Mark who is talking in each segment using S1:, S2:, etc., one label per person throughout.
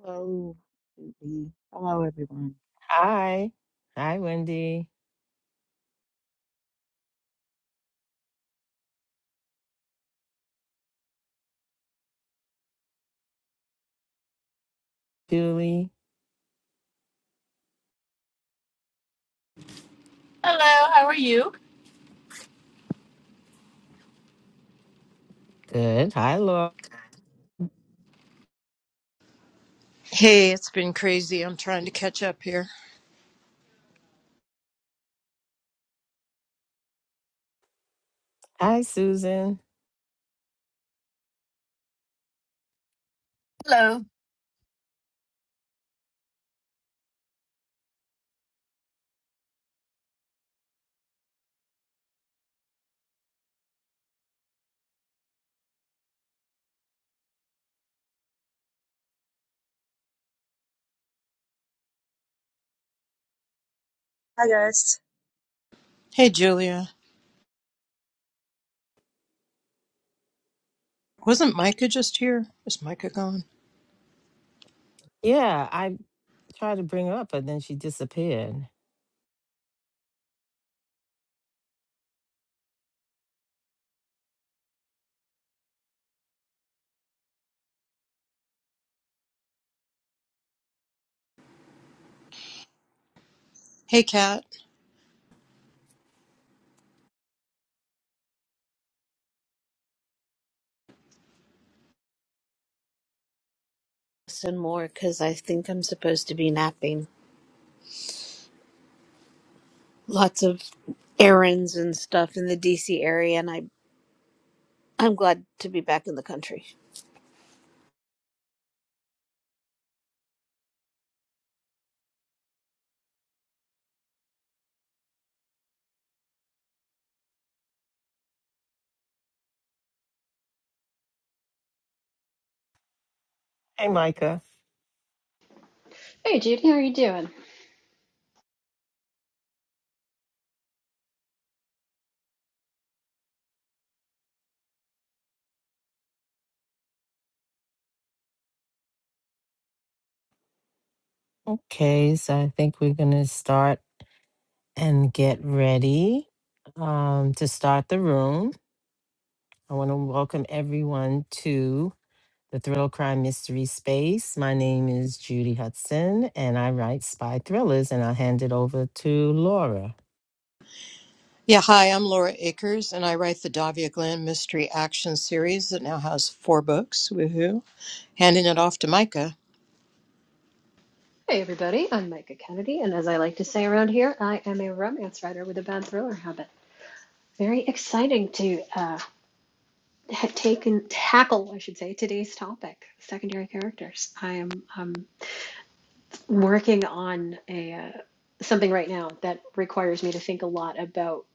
S1: Hello, Wendy. Hello, everyone.
S2: Hi. Hi, Wendy. Julie.
S3: Hello, how are you?
S2: Good. Hi, Laura.
S4: Hey, it's been crazy. I'm trying to catch up here.
S2: Hi, Susan.
S5: Hello.
S6: Hi guys.
S4: Hey, Julia. Wasn't Micah just here? Is Micah gone?
S2: Yeah, I tried to bring her up, but then she disappeared.
S4: Hey, Kat.
S7: some more because I think I'm supposed to be napping. Lots of errands and stuff in the DC area, and I I'm glad to be back in the country.
S2: Hey, Micah.
S8: Hey Judy, how are you doing?
S2: Okay, so I think we're going to start and get ready um, to start the room. I want to welcome everyone to the Thrill Crime Mystery Space. My name is Judy Hudson, and I write spy thrillers, and I'll hand it over to Laura.
S4: Yeah, hi, I'm Laura Akers, and I write the Davia Glenn Mystery Action Series that now has four books. Woohoo. Handing it off to Micah.
S8: Hey everybody, I'm Micah Kennedy, and as I like to say around here, I am a romance writer with a bad thriller habit. Very exciting to uh, take and tackle, I should say, today's topic: secondary characters. I am um, working on a uh, something right now that requires me to think a lot about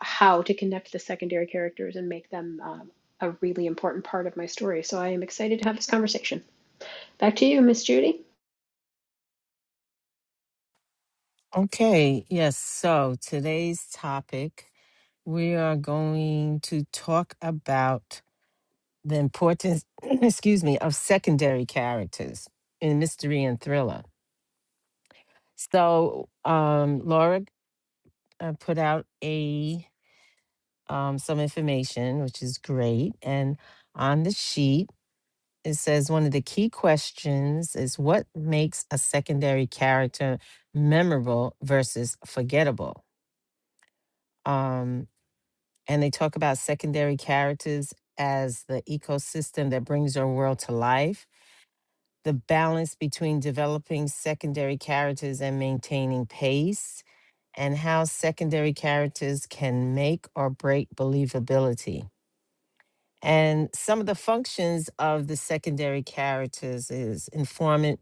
S8: how to connect the secondary characters and make them um, a really important part of my story. So I am excited to have this conversation. Back to you, Miss Judy.
S2: Okay, yes. So today's topic, we are going to talk about the importance, excuse me, of secondary characters in mystery and thriller. So, um, Laura uh, put out a um, some information, which is great. And on the sheet, it says one of the key questions is what makes a secondary character memorable versus forgettable. Um, and they talk about secondary characters as the ecosystem that brings our world to life. The balance between developing secondary characters and maintaining pace, and how secondary characters can make or break believability. And some of the functions of the secondary characters is informant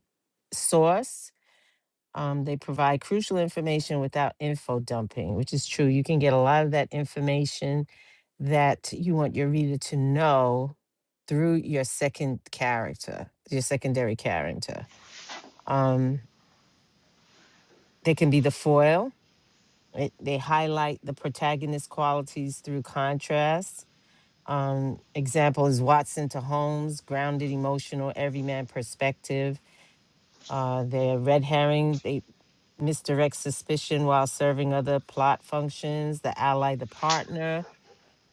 S2: source, um, they provide crucial information without info dumping, which is true. You can get a lot of that information that you want your reader to know through your second character, your secondary character. Um, they can be the foil. It, they highlight the protagonist qualities through contrast. Um, example is Watson to Holmes, grounded, emotional, everyman perspective Uh, they're red herring. They misdirect suspicion while serving other plot functions. The ally, the partner,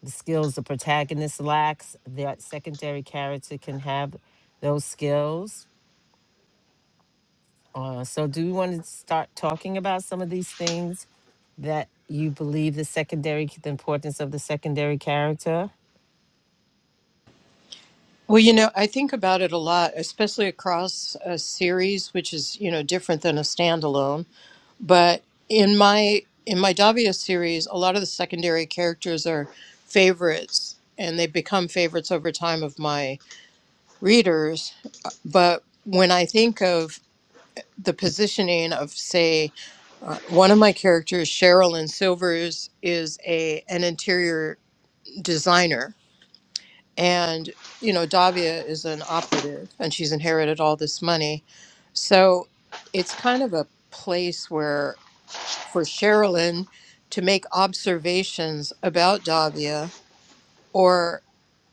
S2: the skills the protagonist lacks. The secondary character can have those skills. Uh, so, do we want to start talking about some of these things that you believe the secondary, the importance of the secondary character?
S4: Well, you know, I think about it a lot, especially across a series, which is, you know, different than a standalone. but in my in my Davia series, a lot of the secondary characters are favorites, and they become favorites over time of my readers. Uh, But when I think of the positioning of, say, uh, one of my characters, Cheryl in Silvers, is a an interior designer, and you know Davia is an operative, and she's inherited all this money, so it's kind of a place where for Sherilyn to make observations about Davia or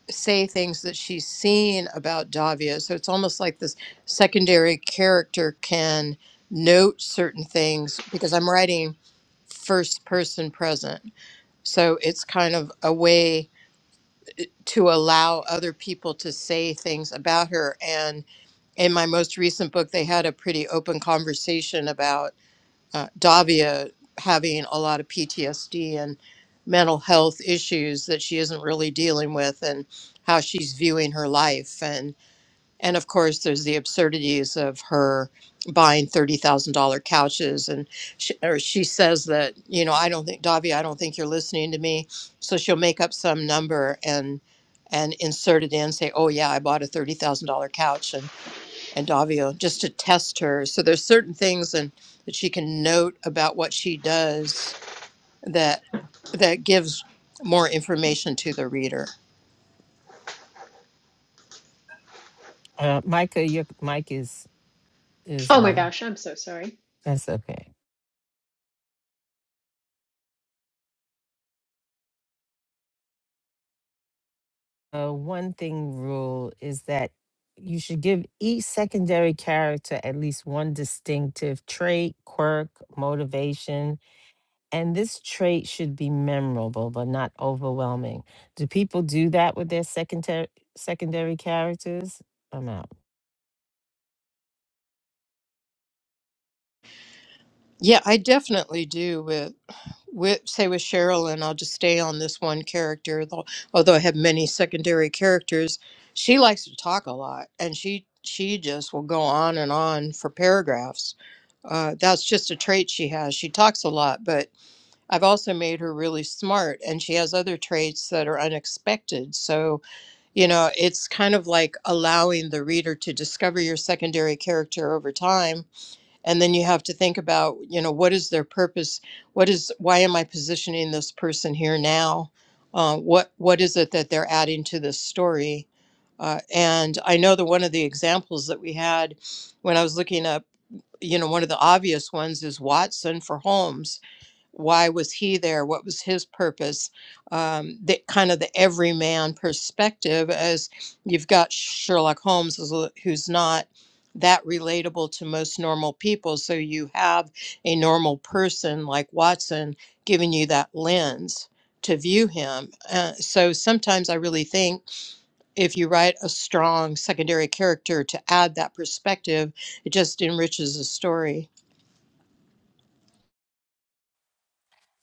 S4: say things that she's seen about Davia. So it's almost like this secondary character can note certain things because I'm writing first person present. So it's kind of a way to allow other people to say things about her. And in my most recent book, they had a pretty open conversation about uh, Davia having a lot of PTSD and mental health issues that she isn't really dealing with, and how she's viewing her life, and and of course there's the absurdities of her buying thirty thousand dollar couches, and she, or she says that you know I don't think Davia, I don't think you're listening to me, so she'll make up some number and and insert it in, say, oh yeah, I bought a thirty thousand dollar couch, and and Davio just to test her. So there's certain things and that she can note about what she does that that gives more information to the reader.
S2: Uh, Micah, your mic is is
S8: Oh my
S2: on.
S8: gosh, I'm so sorry.
S2: That's okay. uh, one thing rule is that you should give each secondary character at least one distinctive trait, quirk, motivation, and this trait should be memorable but not overwhelming. Do people do that with their secondary secondary characters? I'm out.
S4: Yeah, I definitely do with with say with Cheryl, and I'll just stay on this one character. Though, although I have many secondary characters, she likes to talk a lot, and she she just will go on and on for paragraphs. Uh, that's just a trait she has. She talks a lot, but I've also made her really smart, and she has other traits that are unexpected. So, you know, it's kind of like allowing the reader to discover your secondary character over time. And then you have to think about, you know, what is their purpose? What is, why am I positioning this person here now? Uh, what, what is it that they're adding to this story? Uh, and I know that one of the examples that we had when I was looking up, you know, one of the obvious ones is Watson for Holmes why was he there what was his purpose um, the kind of the everyman perspective as you've got sherlock holmes who's a- who's not that relatable to most normal people so you have a normal person like watson giving you that lens to view him uh, so sometimes i really think if you write a strong secondary character to add that perspective it just enriches the story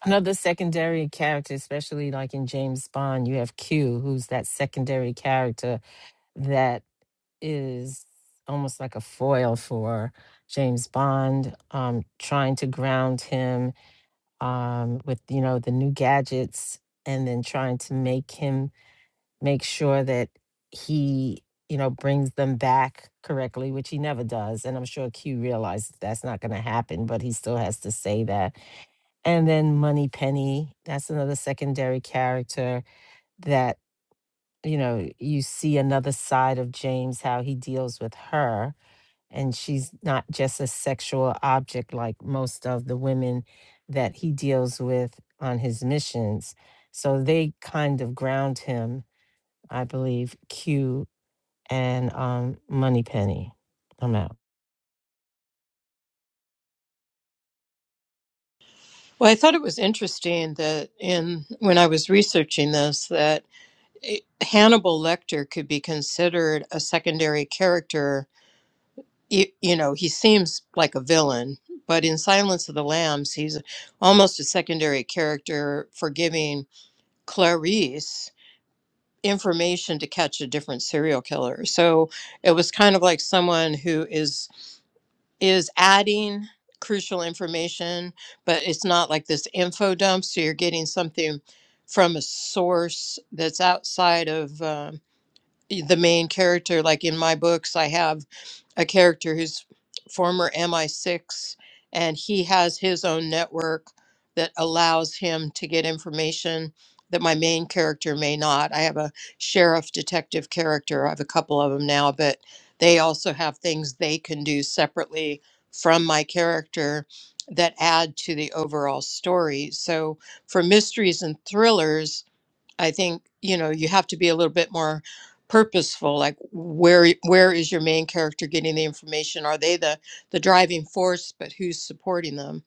S2: Another secondary character, especially like in James Bond, you have Q, who's that secondary character that is almost like a foil for James Bond, um, trying to ground him um, with you know the new gadgets, and then trying to make him make sure that he you know brings them back correctly, which he never does. And I'm sure Q realizes that's not going to happen, but he still has to say that. And then Money Penny, that's another secondary character that you know you see another side of James, how he deals with her and she's not just a sexual object like most of the women that he deals with on his missions. So they kind of ground him, I believe, Q and um, Moneypenny. I'm out.
S4: Well, I thought it was interesting that in when I was researching this that it- Hannibal Lecter could be considered a secondary character. You, you know, he seems like a villain, but in Silence of the Lambs, he's almost a secondary character for giving Clarice information to catch a different serial killer. So it was kind of like someone who is is adding crucial information, but it's not like this info dump. So you're getting something from a source that's outside of um, e, the main character like in my books i have a character who's former mi6 and he has his own network that allows him to get information that my main character may not i have a sheriff detective character i have a couple of them now but they also have things they can do separately from my character that add to the overall story so for mysteries and thrillers I think you know you have to be a little bit more purposeful. Like where where is your main character getting the information? Are they the the driving force, but who's supporting them?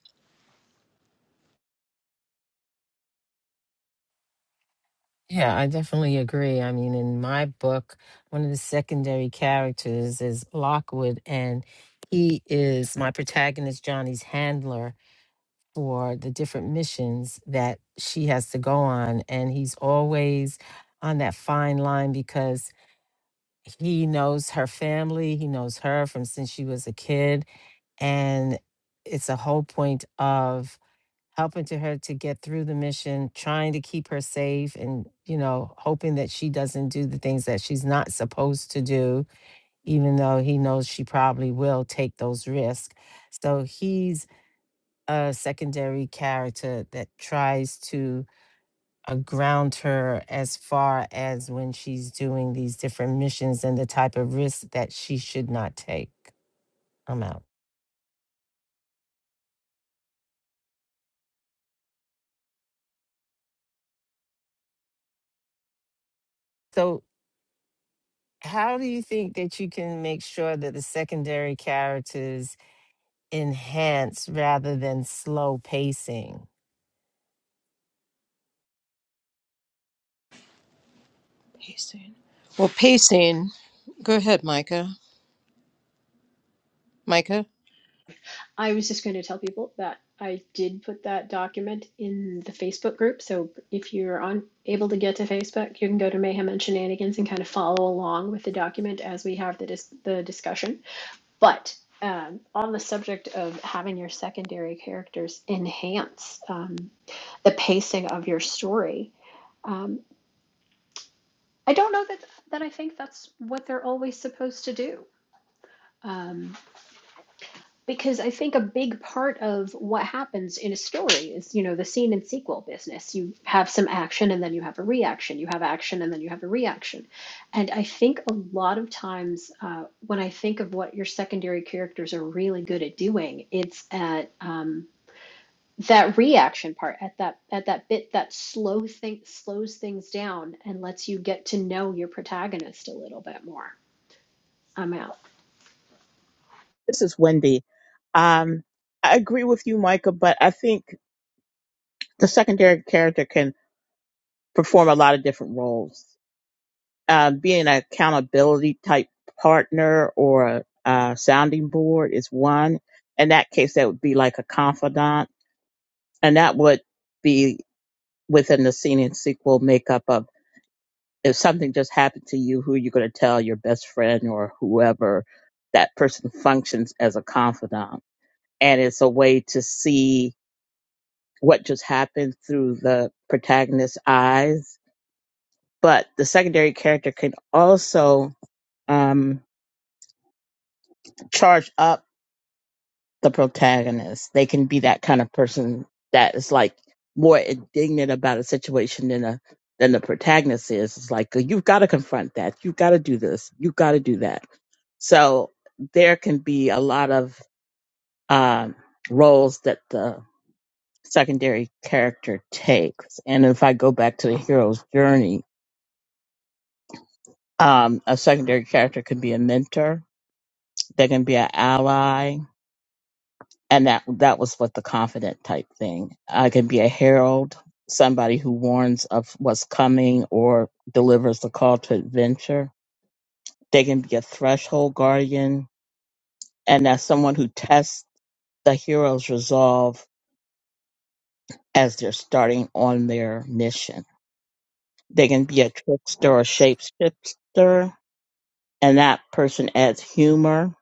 S2: Yeah, I definitely agree. I mean, in my book, one of the secondary characters is Lockwood, and he is my protagonist, Johnny's handler for the different missions that she has to go on. And he's always on that fine line because he knows her family, he knows her from since she was a kid. And it's a whole point of helping to her to get through the mission, trying to keep her safe and, you know, hoping that she doesn't do the things that she's not supposed to do, even though he knows she probably will take those risks. So he's a secondary character that tries to uh, ground her as far as when she's doing these different missions and the type of risks that she should not take. I'm out. So, how do you think that you can make sure that the secondary characters enhance rather than slow pacing?
S4: Pacing. Well, pacing. Go ahead, Micah. Micah.
S8: I was just going to tell people that I did put that document in the Facebook group. So if you're on able to get to Facebook, you can go to Mayhem and Shenanigans and kind of follow along with the document as we have the dis- the discussion. But um, on the subject of having your secondary characters enhance um, the pacing of your story, um, I don't know that that I think that's what they're always supposed to do. Um, Because I think a big part of what happens in a story is, you know, the scene and sequel business. You have some action and then you have a reaction. You have action and then you have a reaction. And I think a lot of times uh, when I think of what your secondary characters are really good at doing, it's at um, that reaction part, at that at that bit that slow thing slows things down and lets you get to know your protagonist a little bit more. I'm out.
S1: This is Wendy. Um, I agree with you, Micah, but I think the secondary character can perform a lot of different roles. Uh, being an accountability type partner or a, uh sounding board is one. In that case, that would be like a confidant, and that would be within the scene and sequel makeup of. if something just happened to you, who are you going to tell your best friend or whoever? That person functions as a confidant. And it's a way to see what just happened through the protagonist's eyes. But the secondary character can also um, charge up the protagonist. They can be that kind of person that is like more indignant about a situation than a than the protagonist is. It's like you've got to confront that. You've got to do this. You've got to do that So there can be a lot of um, roles that the secondary character takes. And if I go back to the hero's journey, um, a secondary character can be a mentor, they can be an ally, and that that was what the confident type thing. I can be a herald, somebody who warns of what's coming or delivers the call to adventure. They can be a threshold guardian, and that's someone who tests the hero's resolve as they're starting on their mission. They can be a trickster or shapeshifter, and that person adds humor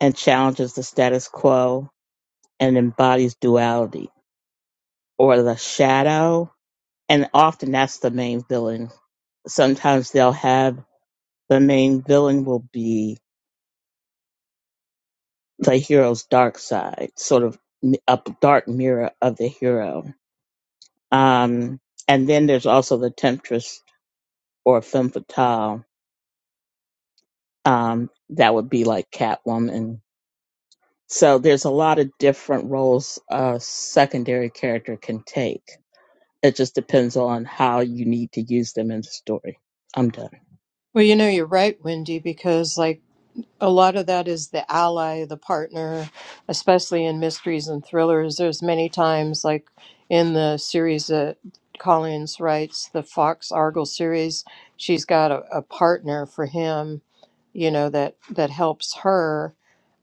S1: and challenges the status quo and embodies duality or the shadow. And often that's the main villain. Sometimes they'll have the main villain will be the hero's dark side, sort of a dark mirror of the hero. Um, and then there's also the temptress or femme fatale, um, that would be like Catwoman. So there's a lot of different roles a secondary character can take. It just depends on how you need to use them in the story. I'm done.
S4: Well, you know you're right, Wendy, because like a lot of that is the ally, the partner, especially in mysteries and thrillers. There's many times, like in the series that Collins writes, the Fox Argo series, she's got a, a partner for him, you know, that that helps her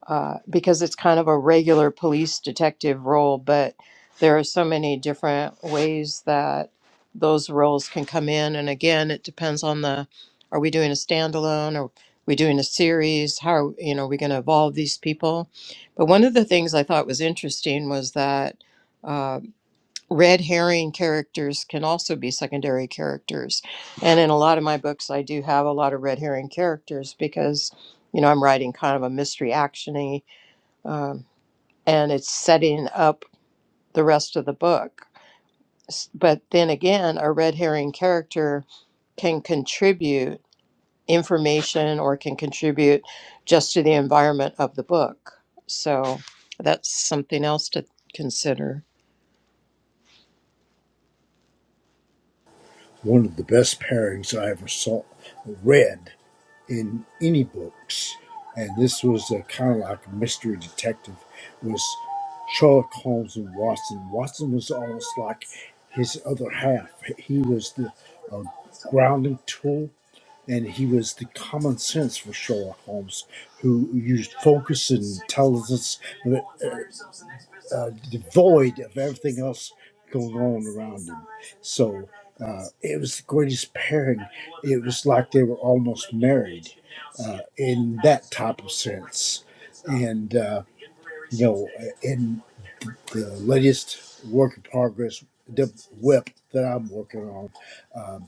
S4: uh, because it's kind of a regular police detective role, but there are so many different ways that those roles can come in. And again, it depends on the are we doing a standalone or we doing a series? How are, you know are we going to evolve these people? But one of the things I thought was interesting was that uh, red herring characters can also be secondary characters, and in a lot of my books, I do have a lot of red herring characters because you know I'm writing kind of a mystery actiony um, and it's setting up the rest of the book. S- But then again, a red herring character can contribute information or can contribute just to the environment of the book. So that's something else to consider.
S9: One of the best pairings I ever saw read in any books, and this was a kind of like a mystery detective, was Sherlock Holmes and Watson. Watson was almost like his other half. He was the uh, grounding tool and he was the common sense for Sherlock Holmes, who used focus and intelligence, but uh, uh, devoid of everything else going on around him. So uh, it was the greatest pairing. It was like they were almost married uh, in that type of sense. And uh, you know, in the latest work in progress, the whip that I'm working on. uh,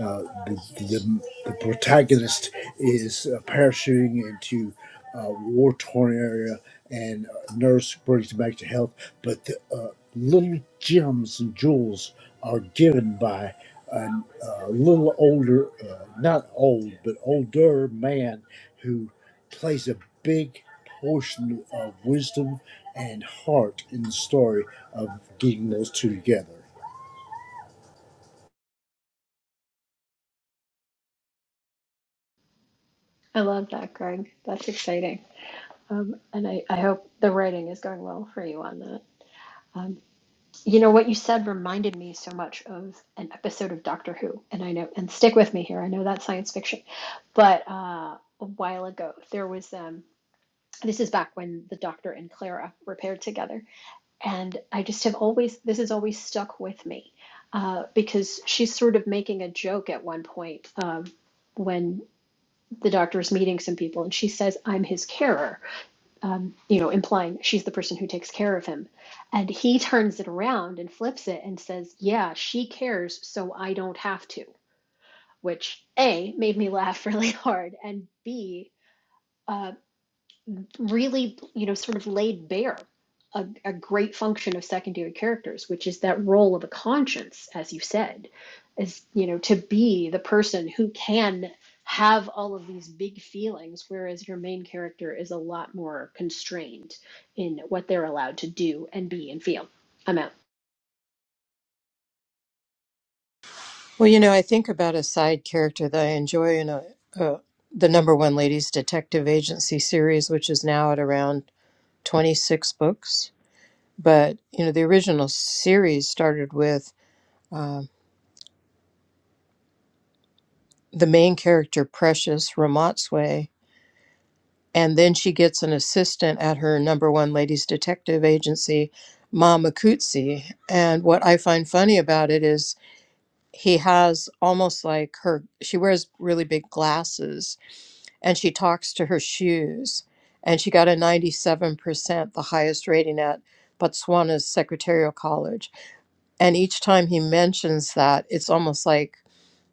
S9: uh, the, the, the protagonist is uh, parachuting into a war torn area, and a nurse brings him back to health. But the uh, little gems and jewels are given by a uh, little older, uh, not old, but older man who plays a big portion of wisdom and heart in the story of getting those two together.
S8: I love that, Greg. That's exciting. Um, and I, I hope the writing is going well for you on that. Um, you know, what you said reminded me so much of an episode of Doctor Who. And I know, and stick with me here, I know that's science fiction. But uh, a while ago, there was, um, this is back when the Doctor and Clara were paired together. And I just have always, this has always stuck with me uh, because she's sort of making a joke at one point um, when the Doctor is meeting some people and she says, I'm his carer um, you know, implying she's the person who takes care of him. And he turns it around and flips it and says, Yeah, she cares, so I don't have to, which A, made me laugh really hard, and B, uh, really, you know, sort of laid bare a, a great function of secondary characters, which is that role of a conscience, as you said, is, you know, to be the person who can have all of these big feelings, whereas your main character is a lot more constrained in what they're allowed to do and be and feel. I'm out.
S4: Well, you know, I think about a side character that I enjoy in a, a the number one ladies detective agency series, which is now at around 26 books. But, you know, the original series started with uh, the main character, Precious Ramotswe, and then she gets an assistant at her number one ladies detective agency, Mama Cootsie. And what I find funny about it is he has almost like her, she wears really big glasses and she talks to her shoes. And she got a 97%, the highest rating at Botswana's Secretarial College. And each time he mentions that, it's almost like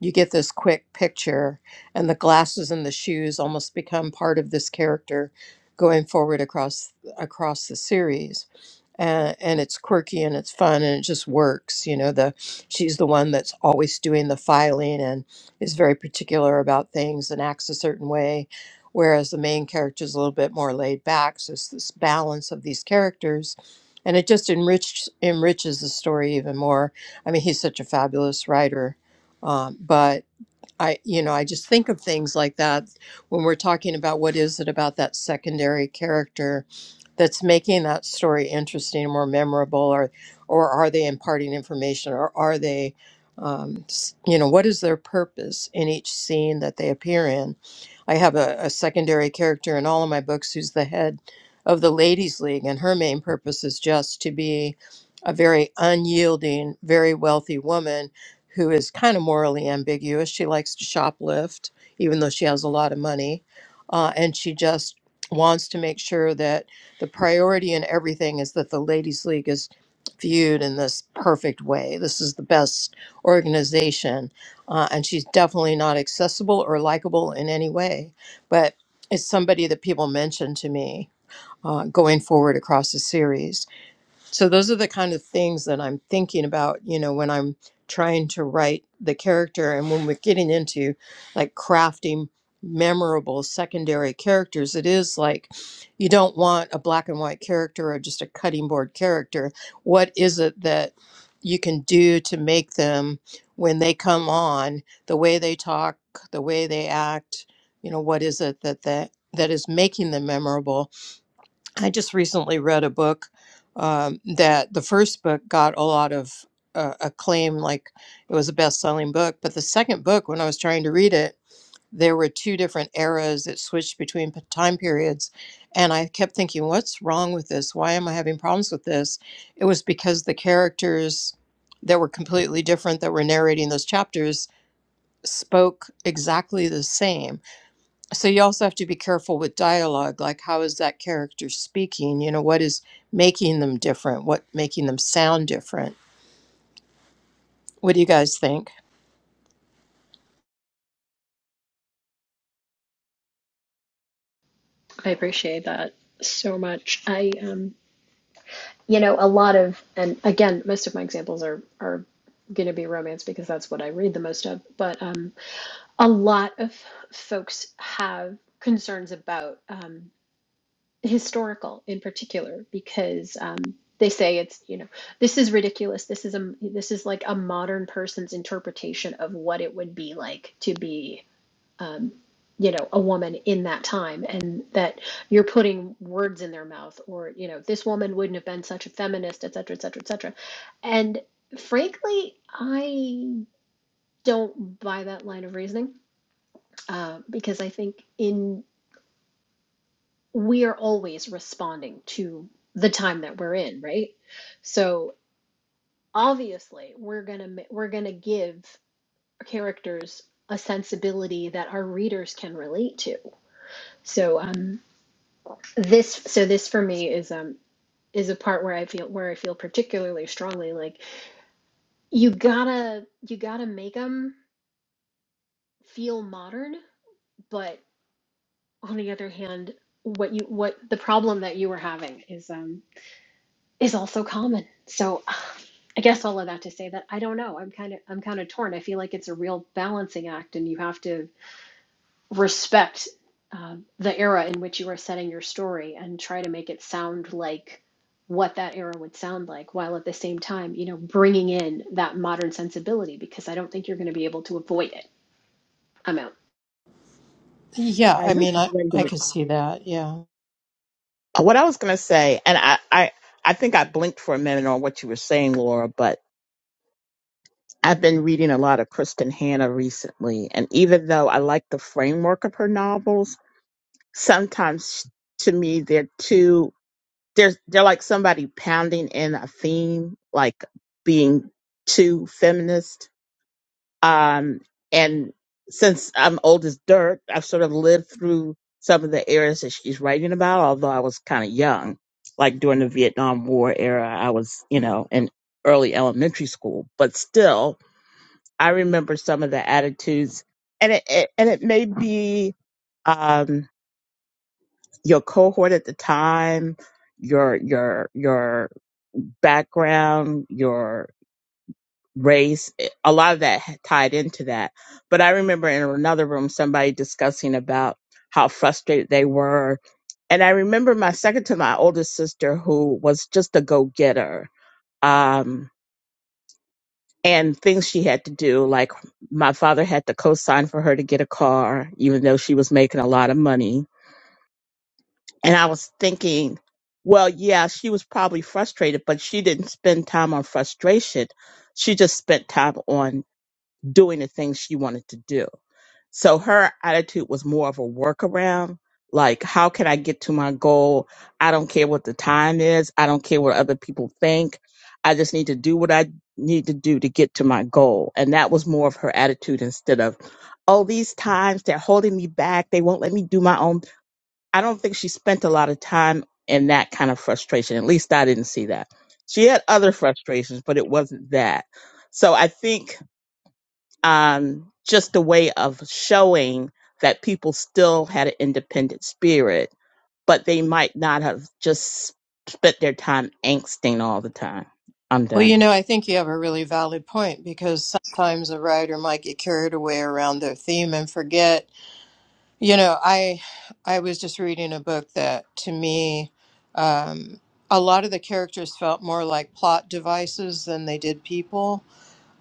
S4: you get this quick picture, and the glasses and the shoes almost become part of this character going forward across across the series. And, and it's quirky and it's fun and it just works. You know, the she's the one that's always doing the filing and is very particular about things and acts a certain way, whereas the main character is a little bit more laid back. So it's this balance of these characters, and it just enriches enriches the story even more. I mean, he's such a fabulous writer um, but I, you know, I just think of things like that when we're talking about what is it about that secondary character that's making that story interesting or more memorable, or or are they imparting information, or are they, um, s- you know, what is their purpose in each scene that they appear in? I have a, a secondary character in all of my books who's the head of the ladies' league, and her main purpose is just to be a very unyielding, very wealthy woman who is kind of morally ambiguous. She likes to shoplift, even though she has a lot of money. Uh, and she just wants to make sure that the priority in everything is that the Ladies League is viewed in this perfect way. This is the best organization. Uh, and she's definitely not accessible or likable in any way. But it's somebody that people mentioned to me uh, going forward across the series. So those are the kind of things that I'm thinking about, you know, when I'm trying to write the character and when we're getting into like crafting memorable secondary characters, it is like you don't want a black and white character or just a cutting board character. What is it that you can do to make them when they come on, the way they talk, the way they act, you know, what is it that that that is making them memorable I just recently read a book um, that the first book got a lot of uh, acclaim, like it was a best selling book. But the second book, when I was trying to read it, there were two different eras that switched between p- time periods. And I kept thinking, what's wrong with this? Why am I having problems with this? It was because the characters that were completely different that were narrating those chapters spoke exactly the same so you also have to be careful with dialogue like how is that character speaking you know what is making them different what making them sound different what do you guys think
S8: I appreciate that so much. I, um, you know, a lot of, and again, most of my examples are, are going to be romance because that's what I read the most of, but, um, a lot of folks have concerns about um, historical in particular because um, they say it's you know this is ridiculous this is a this is like a modern person's interpretation of what it would be like to be um, you know a woman in that time and that you're putting words in their mouth or you know this woman wouldn't have been such a feminist et cetera et cetera et cetera and frankly i don't buy that line of reasoning uh, because I think in we are always responding to the time that we're in, right? So obviously, we're gonna ma- we're gonna give characters a sensibility that our readers can relate to. So um, this so this for me is um is a part where I feel where I feel particularly strongly like you gotta you gotta make them feel modern, but on the other hand, what you what the problem that you were having is um is also common. So I guess all of that to say that I don't know. I'm kind of I'm kind of torn. I feel like it's a real balancing act, and you have to respect um the era in which you are setting your story and try to make it sound like what that era would sound like, while at the same time, you know, bringing in that modern sensibility because I don't think you're going to be able to avoid it. I'm out.
S4: yeah
S1: Hi,
S4: i
S1: this is
S4: mean i i
S1: Wendy.
S4: could see that yeah
S1: Uh, What I was going to say, and I, I, I think I blinked for a minute on what you were saying, Laura, but I've been reading a lot of Kristen Hanna recently. And even though I like the framework of her novels, sometimes to me they're too There's they're like somebody pounding in a theme, like being too feminist. Um, and since I'm old as dirt, I've sort of lived through some of the eras that she's writing about, although I was kind of young. Like during the Vietnam War era, I was, you know, in early elementary school, but still, I remember some of the attitudes, and it, it and it may be um, your cohort at the time, your your your background, your race, eh, a lot of that tied into that. But I remember in another room somebody discussing about how frustrated they were. And I remember my second to my oldest sister who was just a go getter. Um and things she had to do, like my father had to co sign for her to get a car, even though she was making a lot of money And I was thinking, well, yeah, she was probably frustrated, but she didn't spend time on frustration. She just spent time on doing the things she wanted to do. So her attitude was more of a workaround. Like, how can I get to my goal? I don't care what the time is. I don't care what other people think. I just need to do what I need to do to get to my goal. And that was more of her attitude instead of, oh, these times they're holding me back. They won't let me do my own I don't think she spent a lot of time in that kind of frustration. At least I didn't see that. She had other frustrations, but it wasn't that. So I think um, just a way of showing that people still had an independent spirit, but they might not have just spent their time angsting all the time. I'm
S4: well you
S1: done.
S4: know i think you have a really valid point because sometimes a writer might get carried away around their theme and forget you know i i was just reading a book that to me um a lot of the characters felt more like plot devices than they did people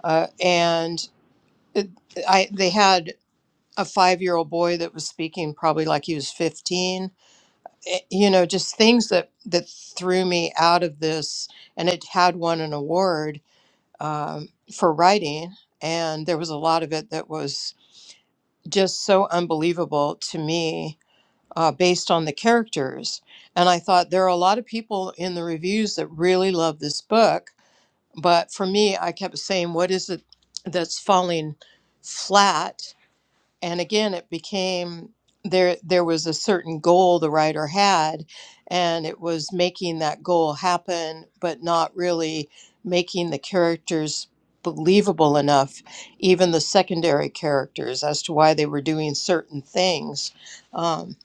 S4: uh, and it, I they had a five year old boy that was speaking probably like he was 15 Eh, you know just things that that threw me out of this and it had won an award um, for writing and there was a lot of it that was just so unbelievable to me uh, based on the characters and i thought there are a lot of people in the reviews that really love this book but for me i kept saying what is it that's falling flat and again it became there there was a certain goal the writer had and it was making that goal happen but not really making the characters believable enough even the secondary characters as to why they were doing certain things um,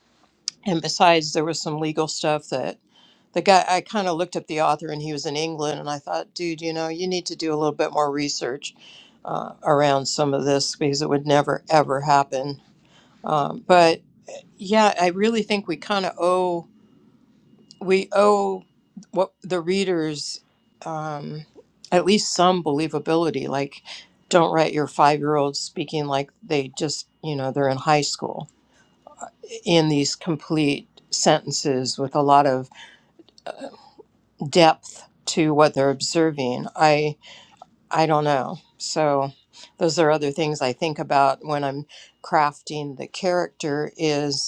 S4: and besides there was some legal stuff that the guy i kind of looked up the author and he was in england and i thought dude you know you need to do a little bit more research uh, around some of this because it would never ever happen um, but yeah, I really think we kind of owe we owe what the readers um, at least some believability. Like, don't write your five year olds speaking like they just you know they're in high school in these complete sentences with a lot of depth to what they're observing. I I don't know. So those are other things I think about when I'm crafting the character. Is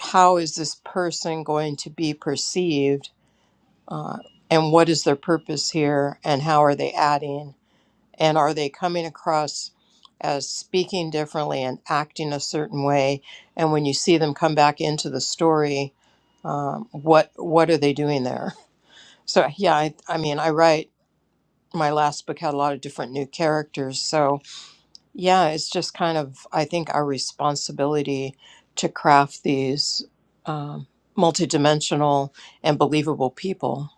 S4: how is this person going to be perceived uh, and what is their purpose here and how are they adding and are they coming across as speaking differently and acting a certain way and when you see them come back into the story um, what what are they doing there so yeah I, I mean i write my last book had a lot of different new characters so yeah, it's just kind of, I think, our responsibility to craft these um, multidimensional and believable people.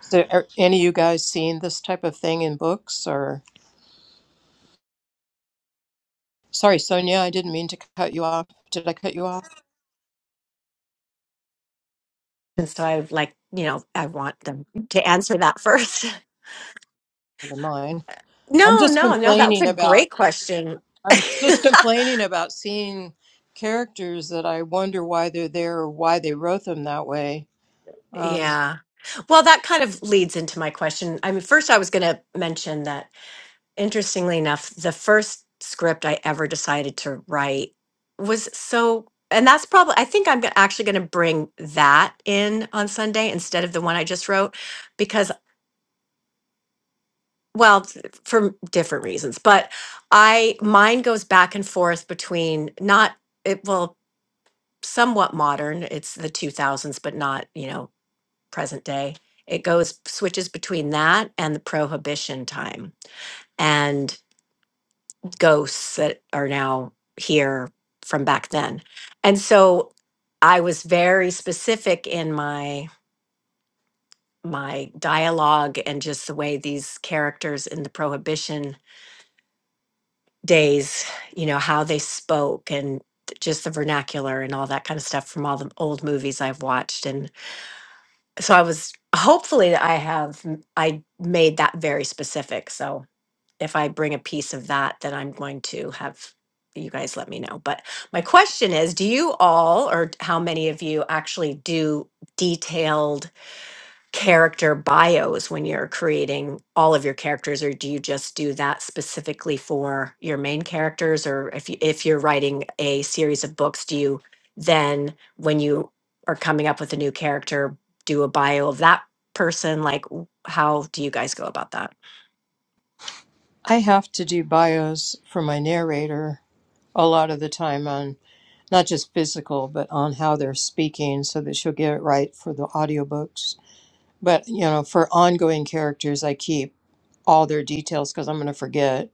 S4: So, are any of you guys seen this type of thing in books? Or, sorry, Sonia, I didn't mean to cut you off. Did I cut you off?
S10: And so I like, you know, I want them to answer that first.
S4: Never mind. I'm
S10: No,
S4: just
S10: no, no, that was a
S4: complaining about.
S10: great question.
S4: I'm just complaining about seeing characters that I wonder why they're there or why they wrote them that way. Uh,
S10: Yeah. Well, that kind of leads into my question. I mean, first, I was going to mention that, interestingly enough, the first script I ever decided to write was so, and that's probably, I think I'm go- actually going to bring that in on Sunday instead of the one I just wrote, because well t- for different reasons but i mine goes back and forth between not it well somewhat modern it's the 2000s but not you know present day it goes switches between that and the prohibition time and ghosts that are now here from back then and so i was very specific in my my dialogue and just the way these characters in the prohibition days, you know, how they spoke and just the vernacular and all that kind of stuff from all the old movies I've watched. And so I was hopefully that I have I made that very specific. So if I bring a piece of that, then I'm going to have you guys let me know. But my question is, do you all or how many of you actually do detailed character bios when you're creating all of your characters or do you just do that specifically for your main characters or if you, if you're writing a series of books do you then when you are coming up with a new character do a bio of that person like w- how do you guys go about that
S4: I have to do bios for my narrator a lot of the time on not just physical but on how they're speaking so that she'll get it right for the audiobooks but you know for ongoing characters i keep all their details because i'm going to forget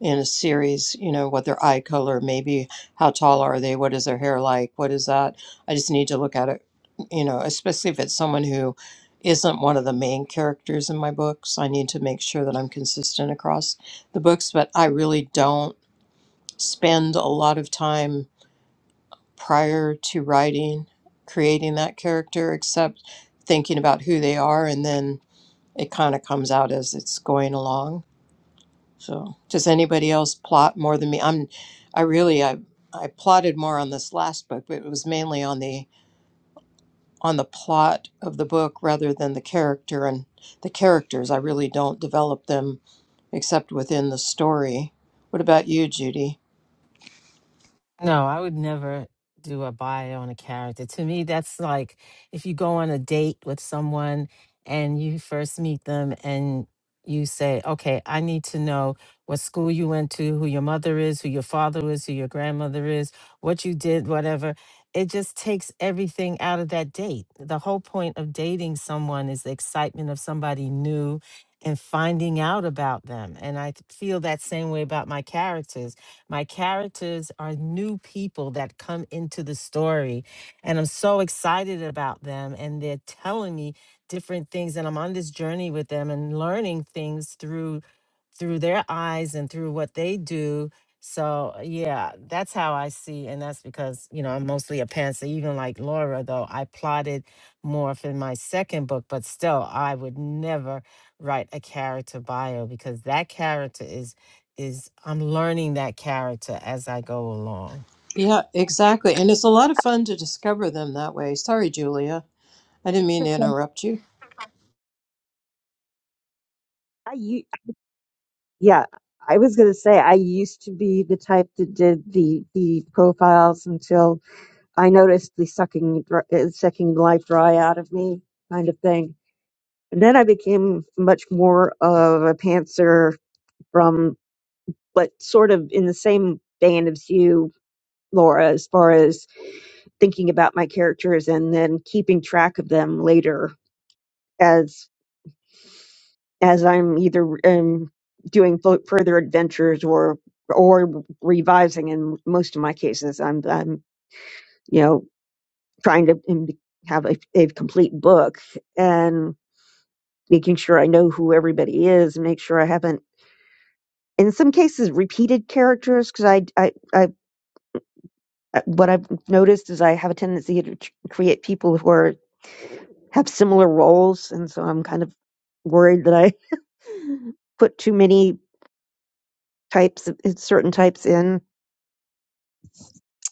S4: in a series you know what their eye color maybe how tall are they what is their hair like what is that i just need to look at it you know especially if it's someone who isn't one of the main characters in my books i need to make sure that i'm consistent across the books but i really don't spend a lot of time prior to writing, creating that character, except thinking about who they are, and then it kind of comes out as it's going along. So, does anybody else plot more than me? I'm, I really, I, I plotted more on this last book, but it was mainly on the on the plot of the book rather than the character and the characters. I really don't develop them except within the story. What about you, Judy?
S2: No, I would never do a bio on a character. To me, that's like if you go on a date with someone and you first meet them and you say, okay, I need to know what school you went to, who your mother is, who your father is, who your grandmother is, what you did, whatever. It just takes everything out of that date. The whole point of dating someone is the excitement of somebody new and finding out about them. And I feel that same way about my characters my characters are new people that come into the story, and I'm so excited about them. And they're telling me different things, and I'm on this journey with them and learning things through through their eyes and through what they do. So yeah, that's how I see, and that's because you know I'm mostly a pantser. Even like Laura, though, I plotted more for my second book, but still, I would never write a character bio because that character is is I'm learning that character as I go along.
S4: Yeah, exactly. And it's a lot of fun to discover them that way. Sorry, Julia. I didn't mean to
S6: Look,
S4: interrupt you.
S6: I u- yeah, I was gonna say I used to be the type that did the the profiles until I noticed the sucking dr- uh, sucking life dry out of me kind of thing. And then I became much more of a pantser from, but sort of in the same band as you, Laura, as far as thinking about my characters and then keeping track of them later as as I'm either um, doing fu- further adventures or or revising. In most of my cases, I'm I'm you know trying to um, have a, a complete book and making sure I know who everybody is and make sure I haven't in some cases repeated characters because I, I I I- what I've noticed is I have a tendency to tr- create people who are have similar roles and so I'm kind of worried that I put too many types of certain types in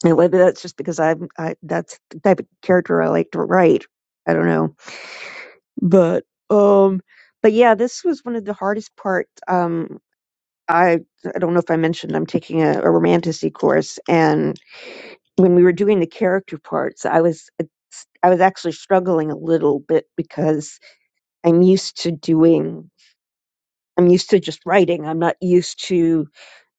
S6: And maybe that's just because I'm I that's the type of character I like to write. I don't know. But um but yeah, this was one of the hardest parts. Um I I don't know if I mentioned I'm taking a, a romanticy course and when we were doing the character parts, I was I was actually struggling a little bit because I'm used to doing I'm used to just writing. I'm not used to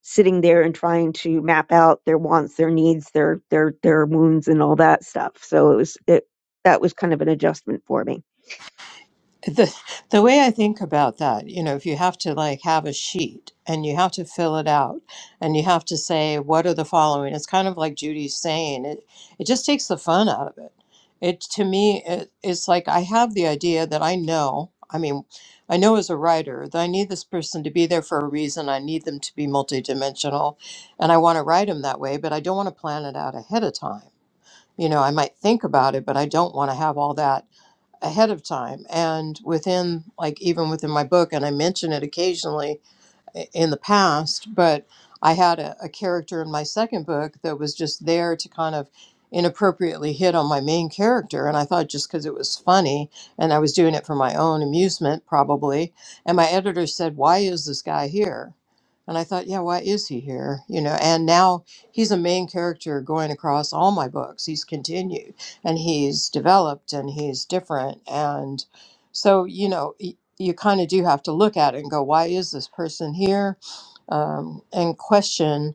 S6: sitting there and trying to map out their wants, their needs, their their their wounds and all that stuff. So it was it that was kind of an adjustment for me.
S4: The the way I think about that, you know, if you have to like have a sheet and you have to fill it out and you have to say what are the following, it's kind of like Judy's saying. It it just takes the fun out of it. It to me it, it's like I have the idea that I know. I mean, I know as a writer that I need this person to be there for a reason. I need them to be multidimensional, and I want to write them that way. But I don't want to plan it out ahead of time. You know, I might think about it, but I don't want to have all that ahead of time and within like even within my book and i mention it occasionally i- in the past, but I had a, a character in my second book that was just there to kind of inappropriately hit on my main character. And I thought just because it was funny and I was doing it for my own amusement, probably. And my editor said, Why is this guy here? And I thought, yeah, why is he here? You know, and now he's a main character going across all my books. He's continued and he's developed and he's different. And so, you know, you kind of do have to look at it and go, why is this person here? Um, and question,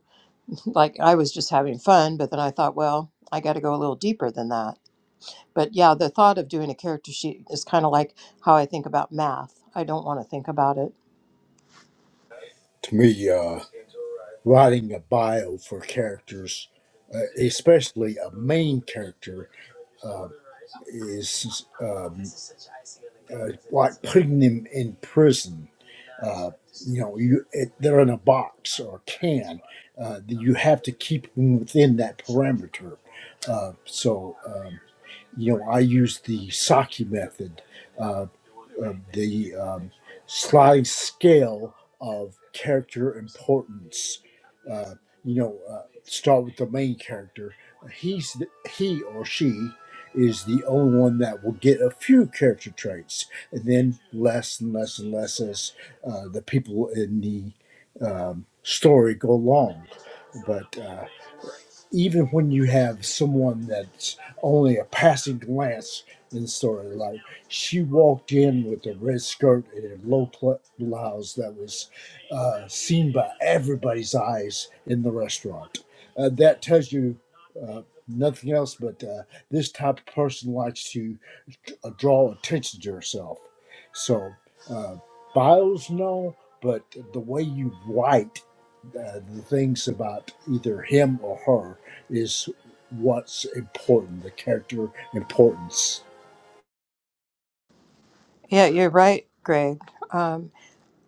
S4: like I was just having fun, but then I thought, well, I got to go a little deeper than that. But yeah, the thought of doing a character sheet is kind of like how I think about math. I don't want to think about it.
S9: To me, uh. writing a bio for characters, uh, especially a main character, uh, is um, uh, like putting them in prison. Uh, you know, you it, they're in a box or a can. Uh, that you have to keep them within that parameter. Uh, so, um, you know, I use the Saki method uh, uh, the um, slide scale of character importance. Uh, you know, uh, start with the main character. He's the, he or she is the only one that will get a few character traits, and then less and less and less as uh, the people in the um, story go along. But uh, even when you have someone that's only a passing glance in the story, like she walked in with a red skirt and a low pl- blouse that was uh, seen by everybody's eyes in the restaurant. Uh, that tells you uh, nothing else, but uh, this type of person likes to uh, draw attention to herself. So files no but the way you write uh, the things about either him or her is what's important the character importance
S4: Yeah, you're right, Greg. Um,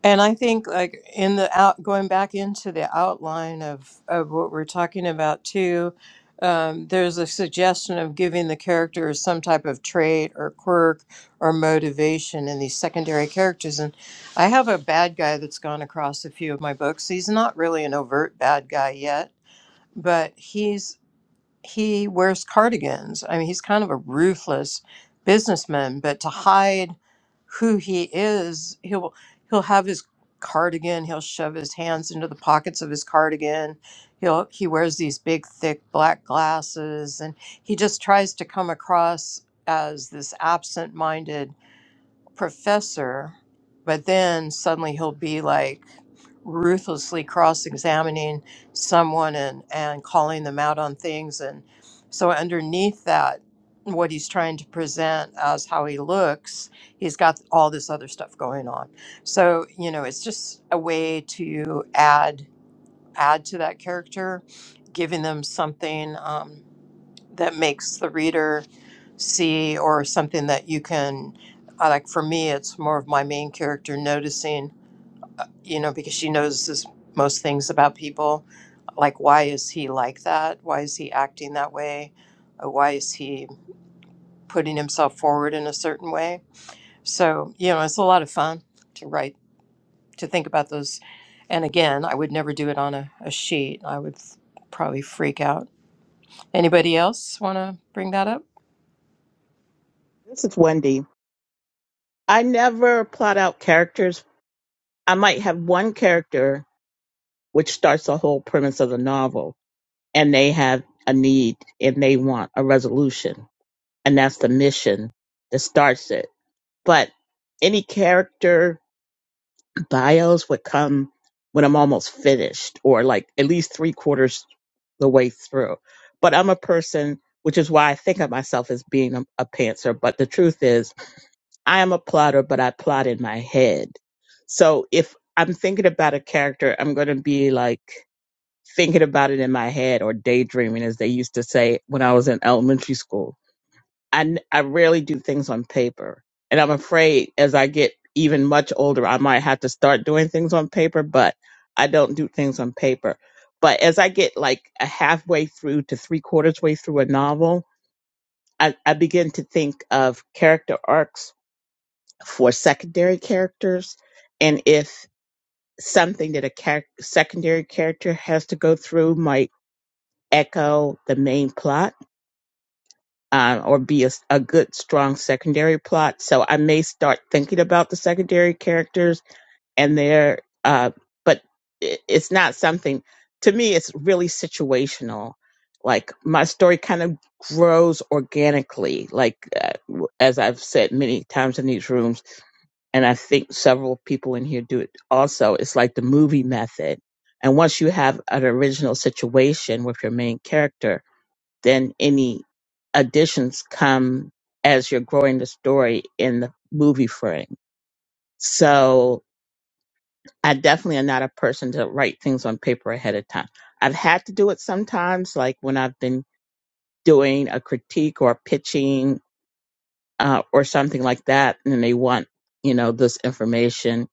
S4: And I think like in the out going back into the outline of of what we're talking about too, um, there's a suggestion of giving the characters some type of trait or quirk or motivation in these secondary characters. And I have a bad guy that's gone across a few of my books. He's not really an overt bad guy yet, but he's he wears cardigans. I mean, he's kind of a ruthless businessman, but to hide who he is, he'll he'll have his cardigan, he'll shove his hands into the pockets of his cardigan. He'll he wears these big thick black glasses and he just tries to come across as this absent-minded professor, but then suddenly he'll be like ruthlessly cross examining someone and, and calling them out on things. And so, underneath that, what he's trying to present as how he looks, he's got all this other stuff going on. So, you know, it's just a way to add add to that character, giving them something. um, that makes the reader see or something that you can I like for me it's more of my main character noticing you know because she knows this, most things about people like why is he like that why is he acting that way Uh, why is he putting himself forward in a certain way so you know it's a lot of fun to write to think about those and again i would never do it on a, a sheet i would f- probably freak out anybody else want to bring that up
S1: This is Wendy. I never plot out characters. I might have one character, which starts the whole premise of the novel and they have a need and they want a resolution. And that's the mission that starts it. But any character bios would come when I'm almost finished or like at least three quarters the way through. But I'm a person, which is why I think of myself as being a, a pantser. But the truth is, I am a plotter, but I plot in my head. So if I'm thinking about a character, I'm going to be like, thinking about it in my head or daydreaming, as they used to say when I was in elementary school. I, n- I rarely do things on paper. And I'm afraid as I get even much older, I might have to start doing things on paper, but I don't do things on paper. But as I get like a halfway through to three quarters way through a novel, I, I begin to think of character arcs for secondary characters. And if something that a char- secondary character has to go through might echo the main plot uh, or be a a good, strong secondary plot. So I may start thinking about the secondary characters and their, uh, but i- it's not something, to me, it's really situational. Like my story kind of grows organically, like uh, w- as I've said many times in these rooms, and I think several people in here do it also. It's like the movie method. And once you have an original situation with your main character, then any additions come as you're growing the story in the movie frame. So I definitely am not a person to write things on paper ahead of time. I've had to do it sometimes, like when I've been doing a critique or pitching uh, or something like that, and they want, you know, this information.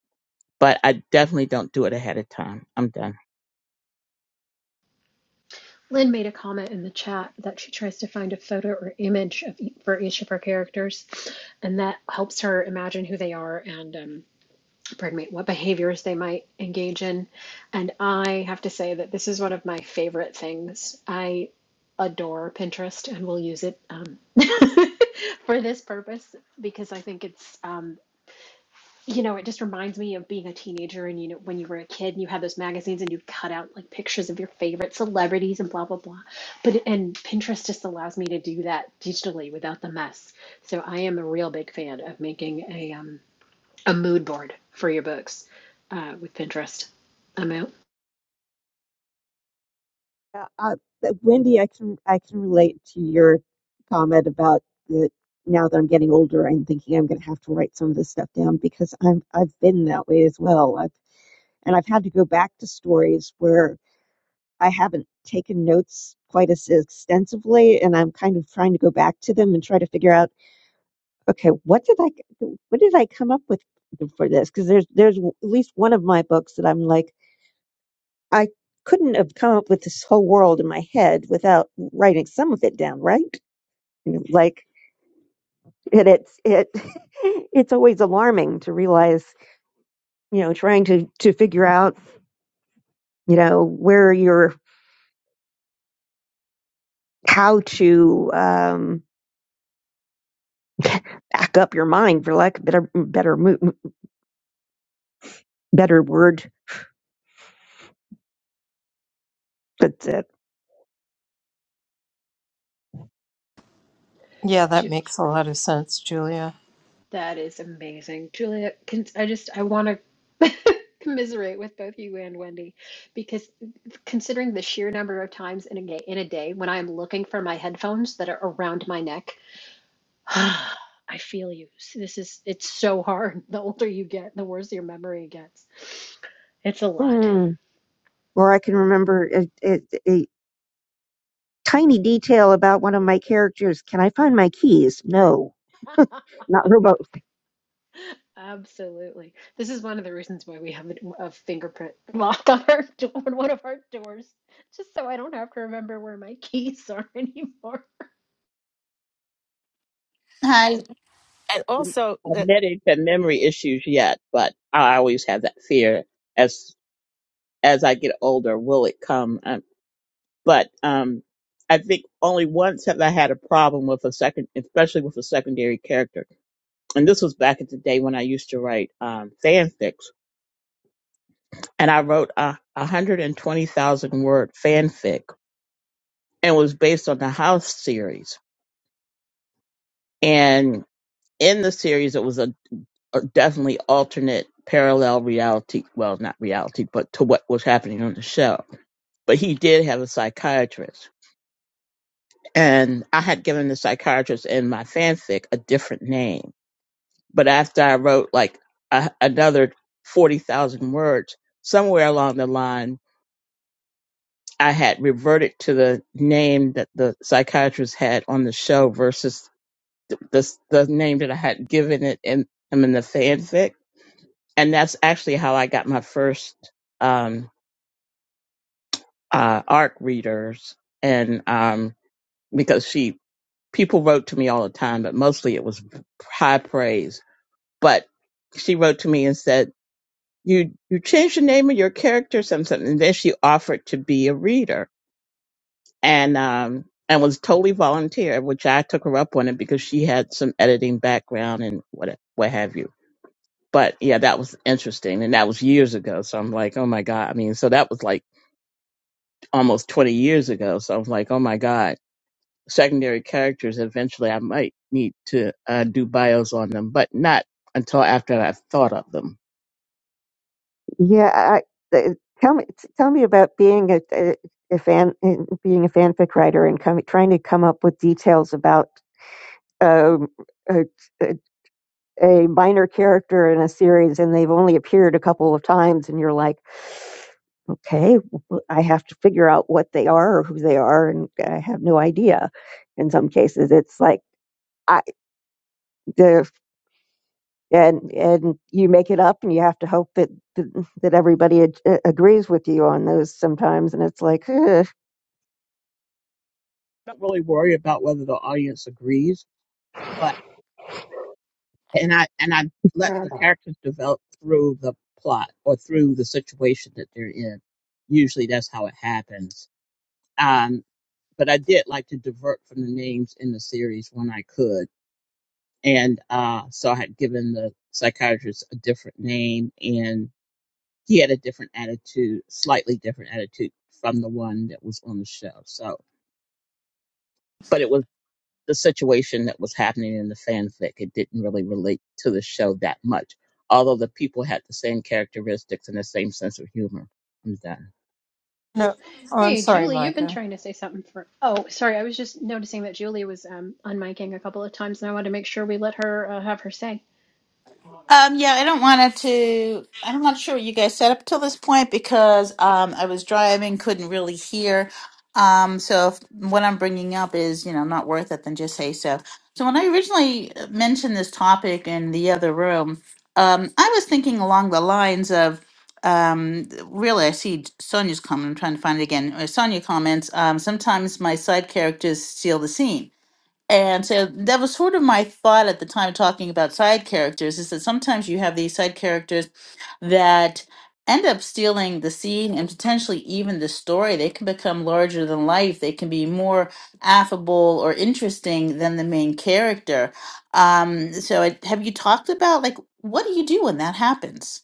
S1: But I definitely don't do it ahead of time. I'm done.
S8: Lynn made a comment in the chat that she tries to find a photo or image of, e- for each of her characters, and that helps her imagine who they are and. Um, pardon me, what behaviors they might engage in. And I have to say that this is one of my favorite things. I adore Pinterest and will use it um, for this purpose because I think it's, um, you know, it just reminds me of being a teenager and, you know, when you were a kid and you had those magazines and you cut out like pictures of your favorite celebrities and blah, blah, blah. But, and Pinterest just allows me to do that digitally without the mess. So I am a real big fan of making a, um, a mood board for your books uh, with Pinterest. I'm out.
S6: Yeah, uh, but Wendy, I can I can relate to your comment about that. Now that I'm getting older, I'm thinking I'm going to have to write some of this stuff down because I'm I've been that way as well. I've, and I've had to go back to stories where I haven't taken notes quite as extensively, and I'm kind of trying to go back to them and try to figure out, okay, what did I what did I come up with for this? Because there's there's at least one of my books that I'm like. I couldn't have come up with this whole world in my head without writing some of it down, right? You know, Like it, it's it, it's always alarming to realize, you know, trying to to figure out, you know, where your how to um, back up your mind, for lack of better better mo- better word, but. uh,
S4: Yeah, that makes a lot of sense, Julia.
S8: That is amazing, Julia. Can, I just I want to commiserate with both you and Wendy because considering the sheer number of times in a ga- in a day when I am looking for my headphones that are around my neck, I feel you. This is it's so hard. The older you get, the worse your memory gets. It's a lot.
S6: Hmm. Or I can remember a, a, a tiny detail about one of my characters. Can I find my keys? No, not Robo.
S8: Absolutely. This is one of the reasons why we have a, a fingerprint lock on our door, on one of our doors, just so I don't have to remember where my keys are anymore.
S3: Hi.
S2: And
S1: I'm
S2: also, the-
S1: admitting to memory issues yet, but I always have that fear as as I get older will it come. Um, but um, I think only once have I had a problem with a second, especially with a secondary character. And this was back at the day when I used to write um, fanfics, and I wrote a 120,000 word fanfic, and it was based on the House series. And in the series, it was a, a definitely alternate parallel reality. Well, not reality, but to what was happening on the show. But he did have a psychiatrist and I had given the psychiatrist in my fanfic a different name. But after I wrote like a, another 40,000 words, somewhere along the line, I had reverted to the name that the psychiatrist had on the show versus the, the name that I had given it in, him in the fanfic. And that's actually how I got my first um, uh, ARC readers. And um, because she, people wrote to me all the time, but mostly it was high praise but she wrote to me and said, "You you changed the name of your character, something, something." And then she offered to be a reader, and um and was totally volunteer, which I took her up on it because she had some editing background and what what have you. But yeah, that was interesting, and that was years ago. So I'm like, oh my god. I mean, so that was like almost 20 years ago. So I'm like, oh my god. Secondary characters. Eventually, I might need to uh, do bios on them, but not until after I've thought of them
S6: Yeah, I, th- tell me t- tell me about being a, a, a fan in- being a fanfic writer and com- trying to come up with details about um, a, a a minor character in a series and they've only appeared a couple of times and you're like, okay, w- I have to figure out what they are or who they are and I have no idea. In some cases, it's like I the and and you make it up and you have to hope that that, that everybody ag- uh, agrees with you on those sometimes and it's like ugh.
S1: don't really worry about whether the audience agrees, but and I and I let the characters develop through the plot or through the situation that they're in. Usually that's how it happens. Um, but I did like to divert from the names in the series when I could, and uh, so I had given the psychiatrist a different name, and he had a different attitude, slightly different attitude from the one that was on the show. So. But it was the situation that was happening in the fanfic. It didn't really relate to the show that much, although the people had the same characteristics and the same sense of humor. I'm done.
S4: No, oh, I'm
S8: Hey,
S4: sorry,
S8: Julie, you've been
S4: Micah.
S8: trying to say something for. Oh, sorry, I was just noticing that Julie was um unmiking a couple of times, and I wanted to make sure we let her uh, have her say.
S3: Um, yeah, I don't want to. I'm not sure what you guys set up till this point because um, I was driving, couldn't really hear. Um, so if what I'm bringing up is, you know, not worth it, then just say so. So when I originally uh, mentioned this topic in the other room, um, I was thinking along the lines of, um, really, I see Sonia's comment. I'm trying to find it again. uh, Sonia comments. Um, sometimes my side characters steal the scene And so that was sort of my thought at the time talking about side characters is that sometimes you have these side characters that end up stealing the scene and potentially even the story. They can become larger than life. They can be more affable or interesting than the main character. Um, so I, have you talked about like what do you do when that happens?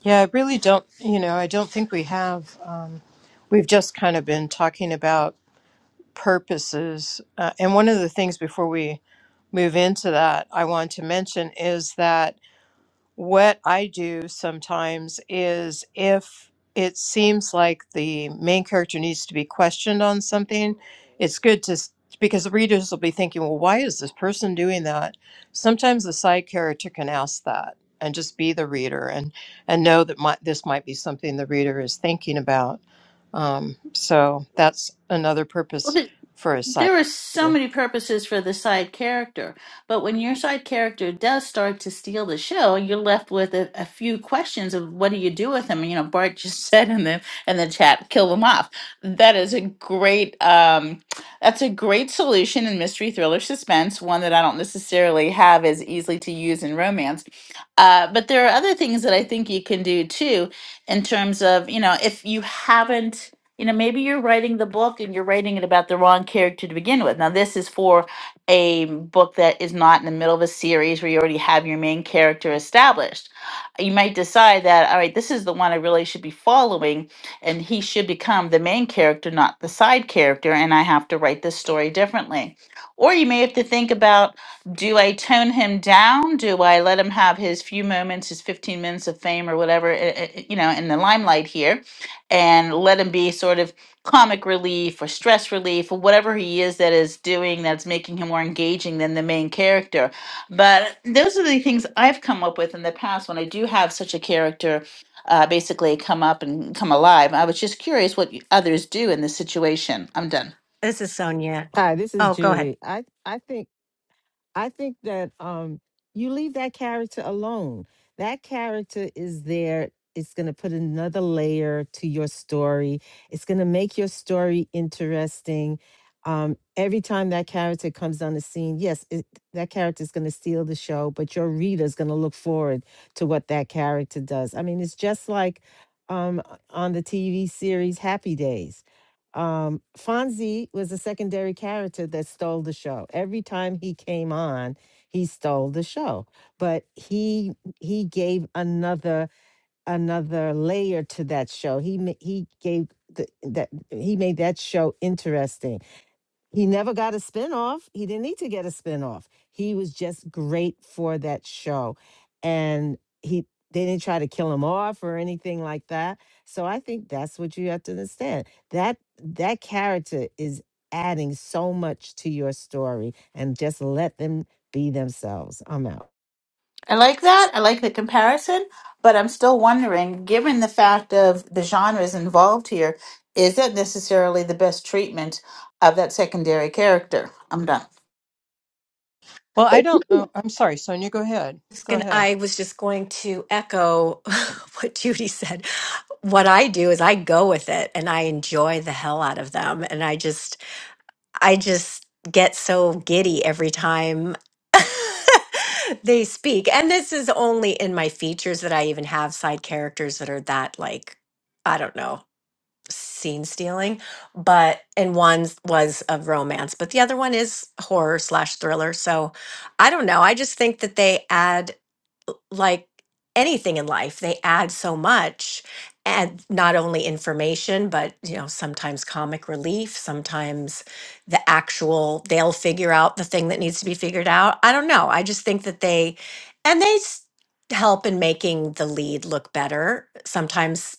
S4: Yeah, I really don't, you know, I don't think we have. Um, we've just kind of been talking about purposes. Uh, and one of the things before we move into that, I want to mention is that what I do sometimes is if it seems like the main character needs to be questioned on something, it's good to s- because the readers will be thinking, well, why is this person doing that? Sometimes the side character can ask that and just be the reader and and know that might this might be something the reader is thinking about. Um, so that's another purpose for a side
S3: there are so
S4: character.
S3: many purposes for the side character, but when your side character does start to steal the show, you're left with a, a few questions of what do you do with him? You know, Bart just said in the in the chat, kill them off. That is a great um, that's a great solution in mystery thriller suspense. One that I don't necessarily have as easily to use in romance, uh, but there are other things that I think you can do too, in terms of you know if you haven't you know, maybe you're writing the book and you're writing it about the wrong character to begin with. Now, this is for a book that is not in the middle of a series where you already have your main character established. You might decide that, all right, this is the one I really should be following, and he should become the main character, not the side character, and I have to write this story differently. Or you may have to think about do I tone him down? Do I let him have his few moments, his 15 minutes of fame or whatever, eh, eh, eh, you know, in the limelight here? and let him be sort of comic relief or stress relief or whatever he is that is doing that's making him more engaging than the main character. But those are the things I've come up with in the past when I do have such a character uh, basically come up and come alive. I was just curious what you- others do in this situation. I'm done.
S10: This is Sonia.
S2: hi, this is
S10: Oh, go ahead.
S2: Judy. I I think I think that um, you leave that character alone. That character is there. It's going to put another layer to your story. It's going to make your story interesting. Um, every time that character comes on the scene, yes, it, that character is going to steal the show, but your reader is going to look forward to what that character does. I mean, it's just like um, on the TV series Happy Days um, Fonzie was a secondary character that stole the show. Every time he came on, he stole the show. But he he gave another another layer to that show. He ma- he gave the, that he made that show interesting. He never got a spinoff. He didn't need to get a spinoff. He was just great for that show. And he they didn't try to kill him off or anything like that. So I think that's what you have to understand. That that character is adding so much to your story and just let them be themselves. I'm out.
S3: I like that. I like the comparison, but I'm still wondering, given the fact of the genres involved here, is that necessarily the best treatment of that secondary character? I'm done.
S4: Well, I
S6: it could
S4: don't
S6: be
S4: know. I'm sorry, Sonia. Go ahead.
S10: was
S4: Go
S10: gonna,
S4: ahead.
S10: I was just going to echo what Judy said. What I do is I go with it and I enjoy the hell out of them. And I just, I just get so giddy every time they speak. And this is only in my features that I even have side characters that are that like, I don't know. scene stealing, but and one was of romance, but the other one is horror slash thriller. So I don't know. I just think that they add like anything in life, they add so much and not only information, but you know, sometimes comic relief, sometimes the actual they'll figure out the thing that needs to be figured out. I don't know. I just think that they and they s- help in making the lead look better, sometimes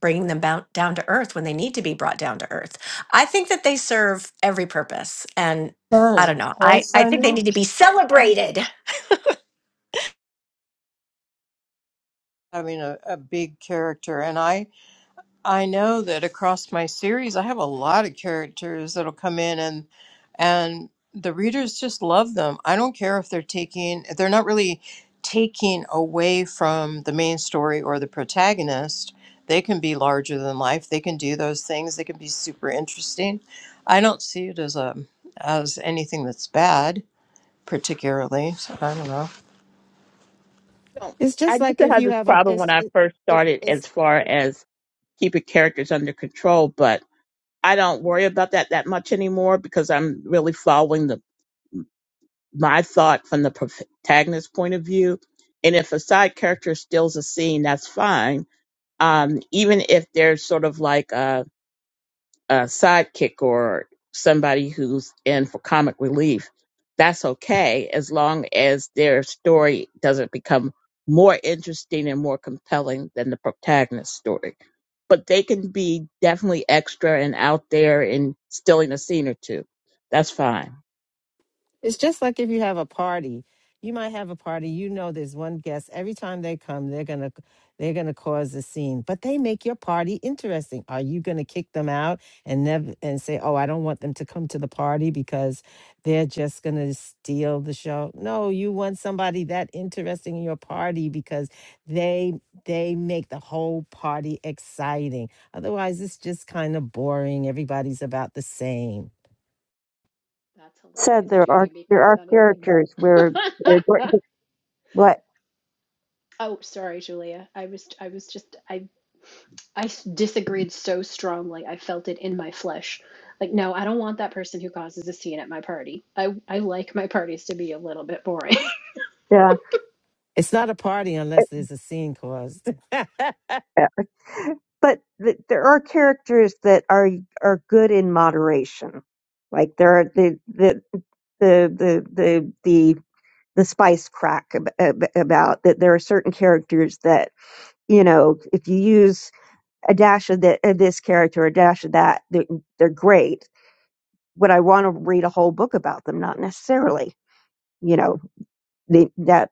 S10: bringing them bound, down to earth when they need to be brought down to earth. I think that they serve every purpose and I don't
S4: Done.
S10: know.
S4: Right,
S10: I, I think they
S4: Sonia?
S10: need to be celebrated.
S4: having a, a big character and i i know that across my series i have a lot of characters that'll come in and and the readers just love them i don't care if they're taking if they're not really taking away from the main story or the protagonist they can be larger than life they can do those things they can be super interesting i don't see it as a as anything that's bad particularly so i don't know
S1: So,
S2: It's
S1: I
S2: just
S1: used
S2: like
S1: to
S2: if
S6: but
S1: have
S2: you
S1: this
S2: have a
S1: problem when
S2: it's
S1: I
S2: it,
S1: first
S2: it,
S1: started
S2: it's
S1: as far as keeping characters under control, but I don't worry about that that much anymore because I'm really following the my thought from the protagonist's point of view. And if a side character steals a scene, that's fine. Um, even if they're sort of like a a sidekick or somebody who's in for comic relief, that's okay as long as their story doesn't become more interesting and more compelling than the protagonist's story. But they can be definitely extra and out there and still in a scene or two. That's fine.
S2: It's just like if you have a party. You might have a party. You know, there's one guest. Every time they come, they're gonna they're gonna cause a scene. But they make your party interesting. Are you gonna kick them out and never and say, "Oh, I don't want them to come to the party because they're just gonna steal the show"? No, you want somebody that interesting in your party because they they make the whole party exciting. Otherwise, it's just kind of boring. Everybody's about the same.
S8: That's
S6: said
S8: hilarious,
S6: there
S8: Judy,
S6: are there
S8: because
S6: are
S8: that is.
S6: characters where they're going
S8: Ex-
S6: to- what
S8: oh, sorry, Julia. I was I was just I I s- disagreed so strongly. I felt it in my flesh. Like, no, I don't want that person who causes a scene at my party. I, I like my parties to be a little bit boring.
S6: yeah
S2: It's not a party unless there's a scene caused. and
S6: but th- there are characters that are are good in moderation. Like there are the the the the the the, the spice crack ab- ab- about that there are certain characters that you know if you use a dash of the, of this character a dash of that they're, they're great. Would I want to read a whole book about them? Not necessarily. You know they, that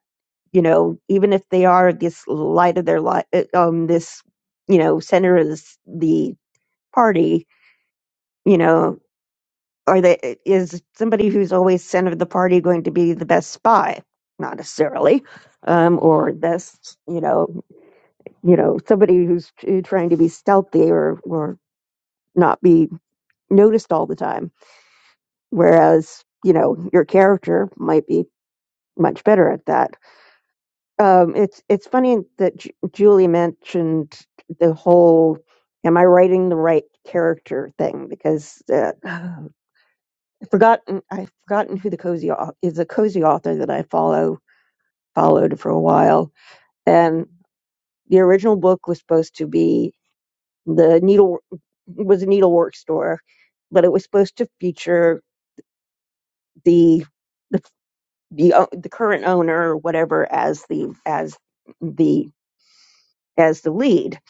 S6: you know even if they are this light of their life, um, this you know center of this, the party you know, are they is somebody who's always center of the party going to be the best spy? Not necessarily, um, or best, you know, you know, somebody who's t- trying to be stealthy or or not be noticed all the time. Whereas, you know, your character might be much better at that. Um, it's it's funny that Ju- Julie mentioned the whole "Am I writing the right character?" thing because. Uh, forgotten I've forgotten who the cozy au- is a cozy author that I follow followed for a while, and the original book was supposed to be the needle was a needlework store, but it was supposed to feature the the the, o- the current owner or whatever as the as the as the lead.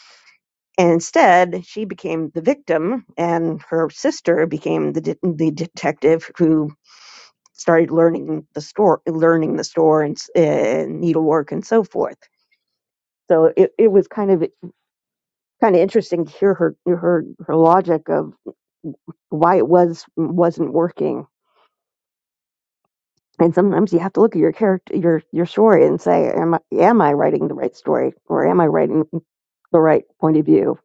S6: And instead, she became the victim, and her sister became the de- the detective started learning the store, learning the store and, and needlework and so forth. So it, it was kind of kind of interesting to hear her her her logic of why it was wasn't working. And sometimes you have to look at your character your your story and say, am I am I writing the right story or am I writing the right point of view?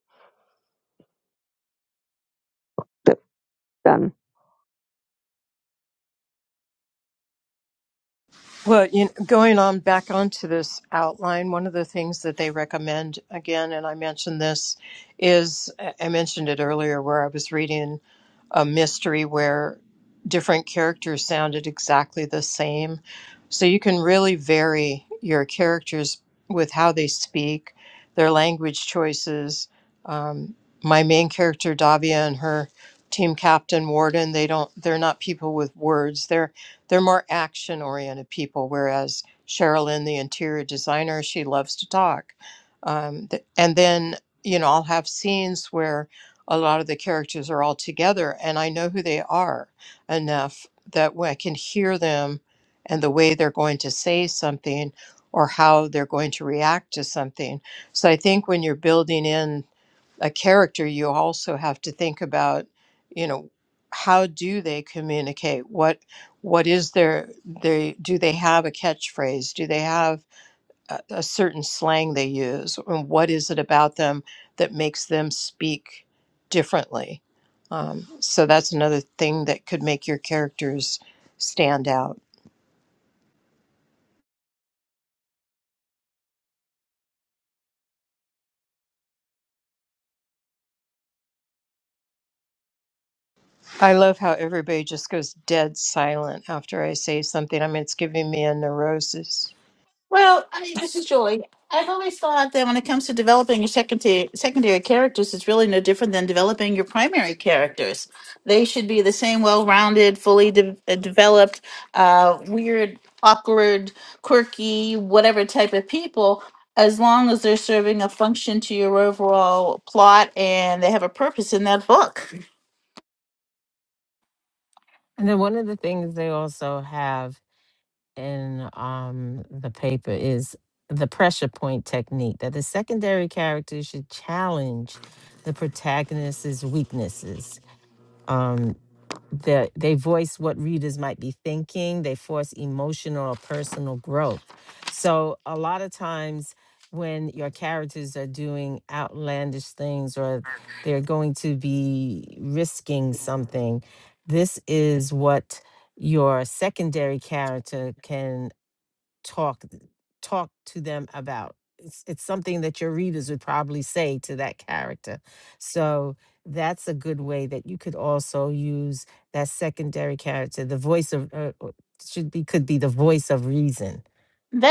S6: done
S4: Well, you know, going on back onto this outline, one of the things that they recommend again, and I mentioned this, is I I mentioned it earlier where I was reading a mystery where different characters sounded exactly the same. So you can really vary your characters with how they speak, their language choices. Um, my main character, Davia, and her team captain, Warden, they don't, they're not people with words. They're more action oriented people, whereas Sherilyn, the interior designer, she loves to talk. Um, th- and then, you know, I'll have scenes where a lot of the characters are all together and I know who they are enough that when I can hear them and the way they're going to say something or how they're going to react to something. So I think when you're building in a character, you also have to think about, you know, how do they communicate? What what is their they do they have a catchphrase? Do they have a, a certain slang they use? And what is it about them that makes them speak differently? Um, so that's another thing that could make your characters stand out. I love how everybody just goes dead silent after I say something. I mean, it's giving me a neurosis.
S3: Well, I, this is Julie. I've always thought that when it comes to developing your secondary secondary characters, it's really no different than developing your primary characters. They should be the same well-rounded, fully de- uh, developed, uh, weird, awkward, quirky, whatever type of people, as long as they're serving a function to your overall plot and they have a purpose in that book.
S2: then one of the things they also have in um, the paper is the pressure point technique that the secondary characters should challenge the protagonist's weaknesses. Um, the, they voice what readers might be thinking. They force emotional or personal growth. So a lot of times when your characters are doing outlandish things or they're going to be risking something, this is what your secondary character can talk talk to them about. It's it's something that your readers would probably say to that character. So that's a good way that you could also use that secondary character. The voice of uh, uh, should be could be the voice of reason.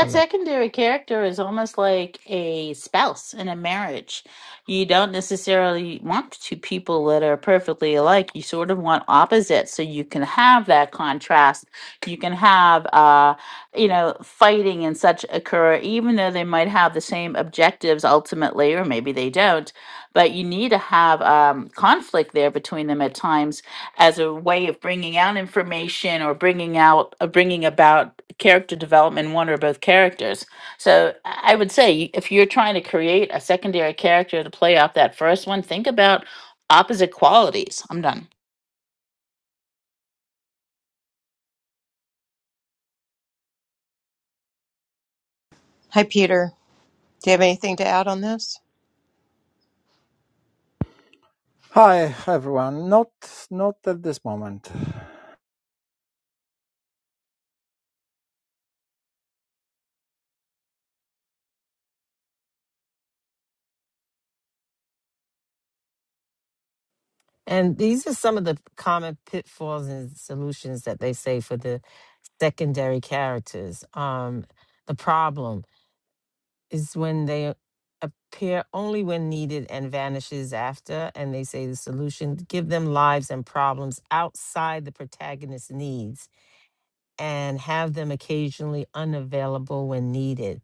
S2: I'm not
S3: secondary character is almost like a spouse in a marriage. You don't necessarily want two people that are perfectly alike. You sort of want opposites so you can have that contrast. You can have, uh, you know, fighting and such occur, even though they might have the same objectives ultimately, or maybe they don't. But you need to have um, conflict there between them at times as a way of bringing out information or bringing out uh, bringing about character development in one or both characters so i I would say if you're trying to create a secondary character to play off that first one think about opposite qualities i'm done
S4: Hi, Peter. Do you have anything to add on this?
S11: Hi everyone. Not not at this moment.
S2: And these are some of the common pitfalls and solutions that they say for the secondary characters. Um, the problem is when they appear only when needed and vanishes after, and they say the solution, give them lives and problems outside the protagonist's needs and have them occasionally unavailable when needed.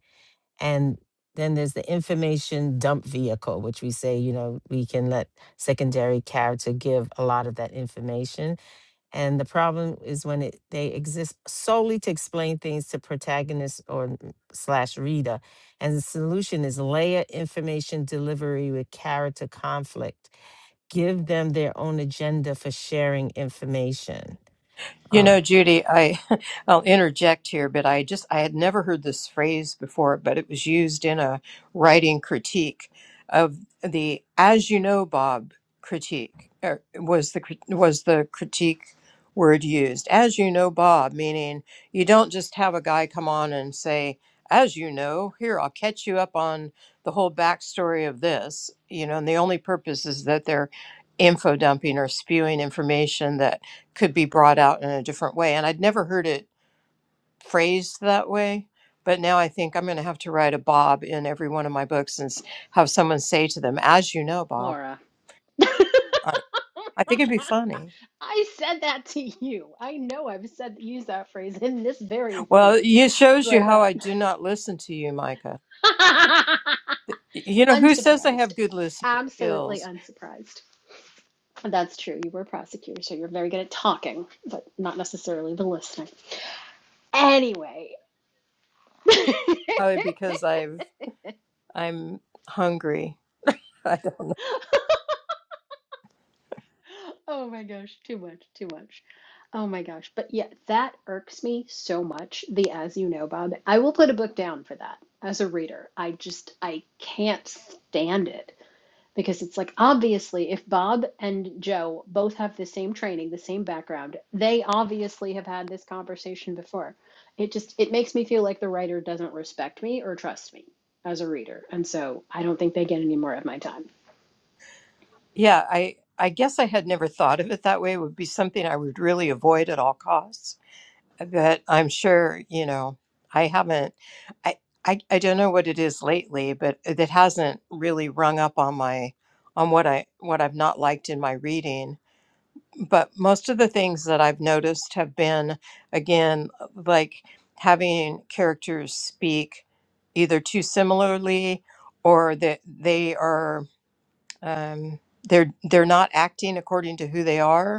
S2: And then there's the information dump vehicle, which we say, you know, we can let secondary character give a lot of that information and the problem is when it, they exist solely to explain things to protagonist or n- slash reader. And the solution is layer information delivery with character conflict. Give them their own agenda for sharing information.
S4: You
S2: Um,
S4: know, Judy, I I'll interject here, but I just I had never heard this phrase before, but it was used in a writing critique of the "as you know, Bob" critique or was the crit- was the critique word used. As you know, Bob, meaning you don't just have a guy come on and say, "As you know, here I'll catch you up on the whole backstory of this," you know, and the only purpose is that they're info dumping or spewing information could be brought out in a different way. And I'd never heard it phrased that way. But now I think I'm going to have to write a Bob in every one of my books and s- have someone say to them, as you know, Bob.
S8: Laura,
S4: I, I think it'd be funny.
S8: I said that to you. I know I've said used that phrase in this very room,
S4: Well, it shows you
S8: but
S4: how I do not listen to you, Micah.
S8: uh,
S4: Y- You know, who says I
S8: unsurprised.
S4: have good listening
S8: Absolutely
S4: skills?
S8: unsurprised. That's true. You were a prosecutor, so you're very good at talking, but not necessarily the listening. Anyway.
S4: Probably because I've, I'm hungry. I don't-
S8: Oh my gosh, too much, too much. Oh my gosh. But yeah, that irks me so much. The as you know, Bob. I will put a book down for that as a reader. I just, I can't stand it because it's like, obviously, if Bob and Joe both have the same training, the same background, they obviously have had this conversation before. It just, it makes me feel like the writer doesn't respect me or trust me as a reader. And so I don't think they get any more of my time.
S4: yeah, I, I guess I had never thought of it that way. It would be something I would really avoid at all costs. but I'm sure you know I haven't I, I I don't know what it is lately but it hasn't really rung up on my on what I what I've not liked in my reading but most of the things that I've noticed have been again like having characters speak either too similarly or that they are um, they're they're not acting according to who they are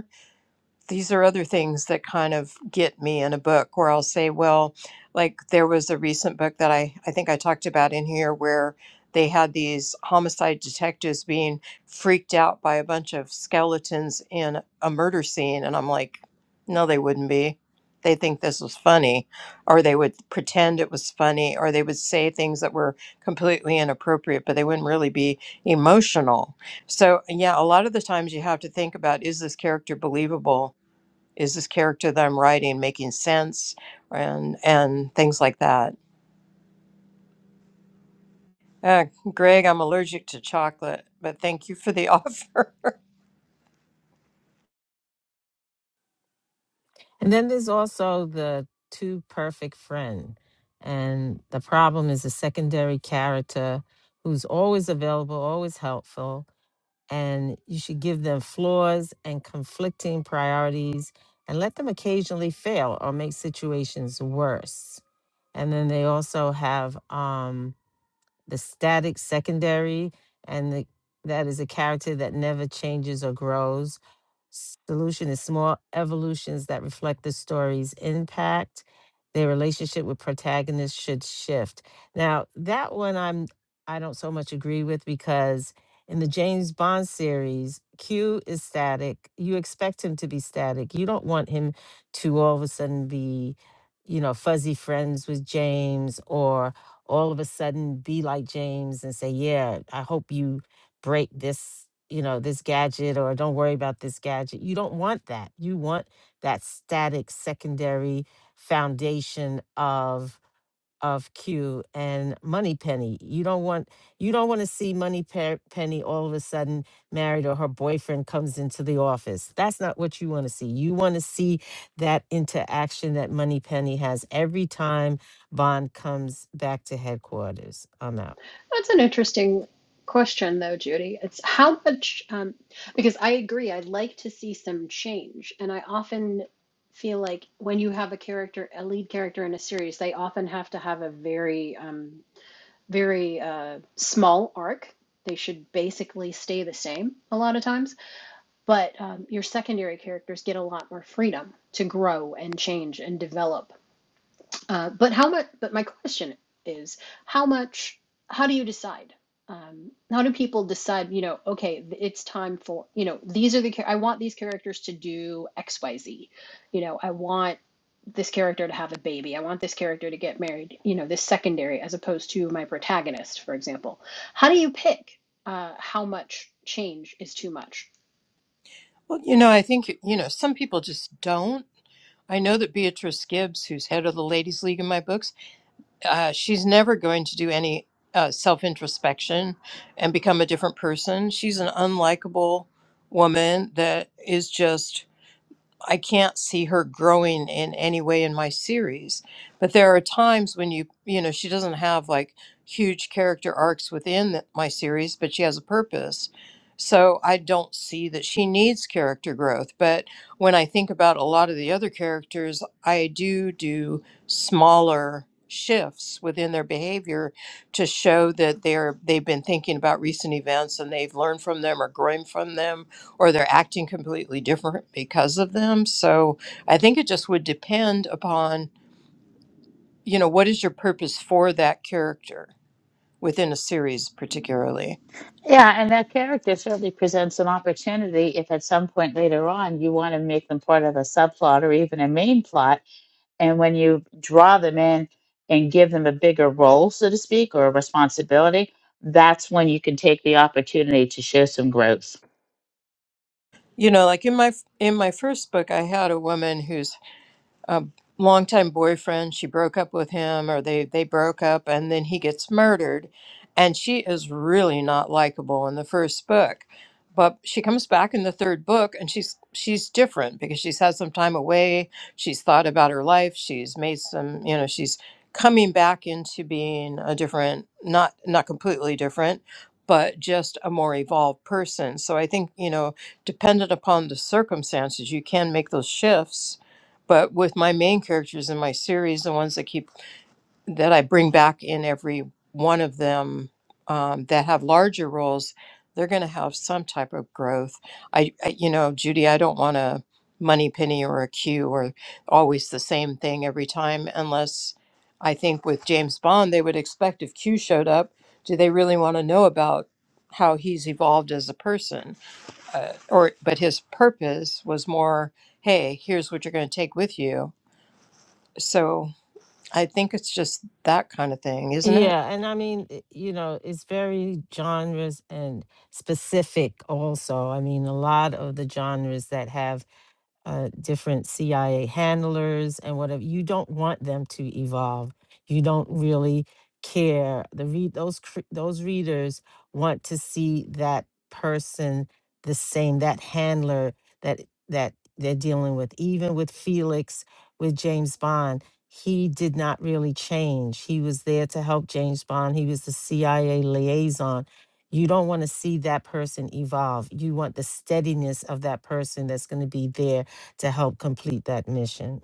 S4: these are other things that kind of get me in a book where I'll say, well, like there was a recent book that I, I think I talked about in here where they had these homicide detectives being freaked out by a bunch of skeletons in a murder scene. And I'm like, no, they wouldn't be. They think this was funny, or they would pretend it was funny, or they would say things that were completely inappropriate, but they wouldn't really be emotional. So, yeah, a lot of the times you have to think about is this character believable? is this character that I'm writing making sense and and things like that. Uh, Greg, I'm allergic to chocolate, but thank you for the offer.
S2: And then there's also the too perfect friend. And the problem is a secondary character who's always available, always helpful. And you should give them flaws and conflicting priorities and let them occasionally fail or make situations worse. And then they also have, um, the static secondary, and the, that is a character that never changes or grows. Solution is small evolutions that reflect the story's impact. Their relationship with protagonists should shift. Now, that one I'm I don't so much agree with because in the James Bond series, Q is static. You expect him to be static. You don't want him to all of a sudden be, you know, fuzzy friends with James or all of a sudden be like James and say, Yeah, I hope you break this, you know, this gadget or don't worry about this gadget. You don't want that. You want that static secondary foundation of of Q and Money Penny. You don't want you don't want to see Money Penny all of a sudden married or her boyfriend comes into the office. That's not what you want to see. You want to see that interaction that Money Penny has every time Bond comes back to headquarters. I'm out.
S8: That's an interesting question, though, Judy. It's how much, um, because I agree, I'd like to see some change. And I often feel like when you have a character, a lead character in a series, they often have to have a very, um, very uh, small arc. They should basically stay the same a lot of times. But um, your secondary characters get a lot more freedom to grow and change and develop uh, but how much, but my question is, how much, how do you decide? Um, how do people decide, you know, okay, it's time for, you know, these are the, I want these characters to do X, Y, Z. You know, I want this character to have a baby. I want this character to get married, you know, this secondary as opposed to my protagonist, for example. How do you pick uh, how much change is too much?
S4: well, you know, I think you know some people just don't. I know that Beatrice Gibbs, who's head of the Ladies League in my books, uh, she's never going to do any uh, self introspection and become a different person. She's an unlikable woman that is just I can't see her growing in any way in my series. But there are times when you, you know, she doesn't have like huge character arcs within the, my series, but she has a purpose. So I don't see that she needs character growth. But when I think about a lot of the other characters, I do do smaller shifts within their behavior to show that they're they've been thinking about recent events and they've learned from them or growing from them or they're acting completely different because of them. So I think it just would depend upon, you know, what is your purpose for that character within a series particularly.
S3: Yeah, and that character certainly presents an opportunity if at some point later on you want to make them part of a subplot or even a main plot. And when you draw them in and give them a bigger role, so to speak, or a responsibility, that's when you can take the opportunity to show some growth.
S4: You know, like in my in my first book I had a woman who's a longtime boyfriend. She broke up with him, or they they broke up, and then he gets murdered. And she is really not likable in the first book, but she comes back in the third book, and she's she's different because she's had some time away. She's thought about her life. She's made some, you know, she's coming back into being a different, not not completely different. But just a more evolved person. So I think, you know, dependent upon the circumstances, you can make those shifts but with my main characters in my series the ones that keep that i bring back in every one of them um, that have larger roles they're going to have some type of growth I, I you know judy i don't want a money penny or a q or always the same thing every time unless i think with james bond they would expect if q showed up do they really want to know about how he's evolved as a person or but his purpose was more hey here's what you're going to take with you so I think it's just that kind of thing, isn't it?
S2: Yeah, and I mean, i- you know, it's very genres and specific also. I mean, a lot of the genres that have uh, different CIA handlers and whatever. You don't want them to evolve. You don't really care. The read those cr- those readers want to see that person the same. That handler that that they're dealing with. Even with Felix, with James Bond, he did not really change. He was there to help James Bond. He was the CIA liaison. You don't want to see that person evolve. You want the steadiness of that person that's going to be there to help complete that mission.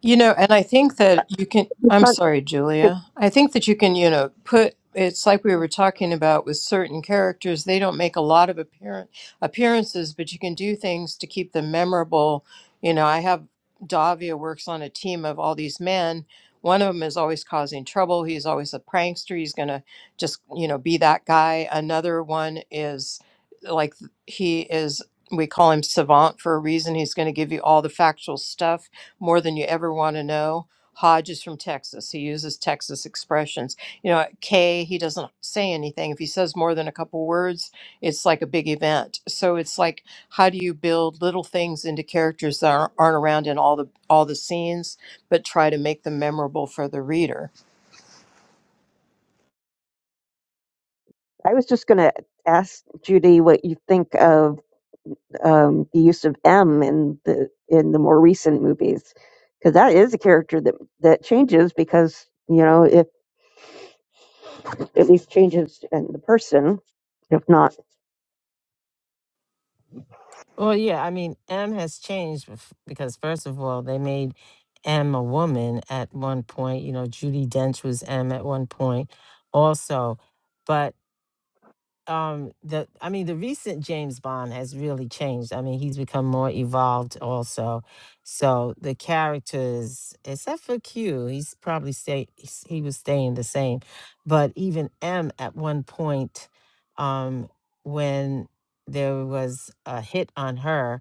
S4: You know, and I think that you can,
S6: You
S4: I'm
S6: can't
S4: sorry,
S6: think-
S4: Julia. I think that you can, you know, put, it's like we were talking about with certain characters, they don't make a lot of appearance, appearances, but you can do things to keep them memorable. You know, I have Davia works on a team of all these men. One of them is always causing trouble. He's always a prankster. He's going to just, you know, be that guy. Another one is like, he is, we call him savant for a reason. He's going to give you all the factual stuff more than you ever want to know. Hodge is from Texas. He uses Texas expressions. You know, Kay, he doesn't say anything. If he says more than a couple words, it's like a big event. So it's like, how do you build little things into characters that aren't, aren't around in all the all the scenes, but try to make them memorable for the reader?
S6: I was just going to ask Judy what you think of um, the use of M in the in the more recent movies, because that is a character that that changes because you know if at least changes in the person, if not.
S2: Well, yeah, I mean, M has changed bef- because, first of all, they made M a woman at one point. You know, Judy Dench was M at one point also. But um the i mean the recent james bond has really changed i mean he's become more evolved also so the characters except for q he's probably stay he's- he was staying the same but even m at one point um when there was a hit on her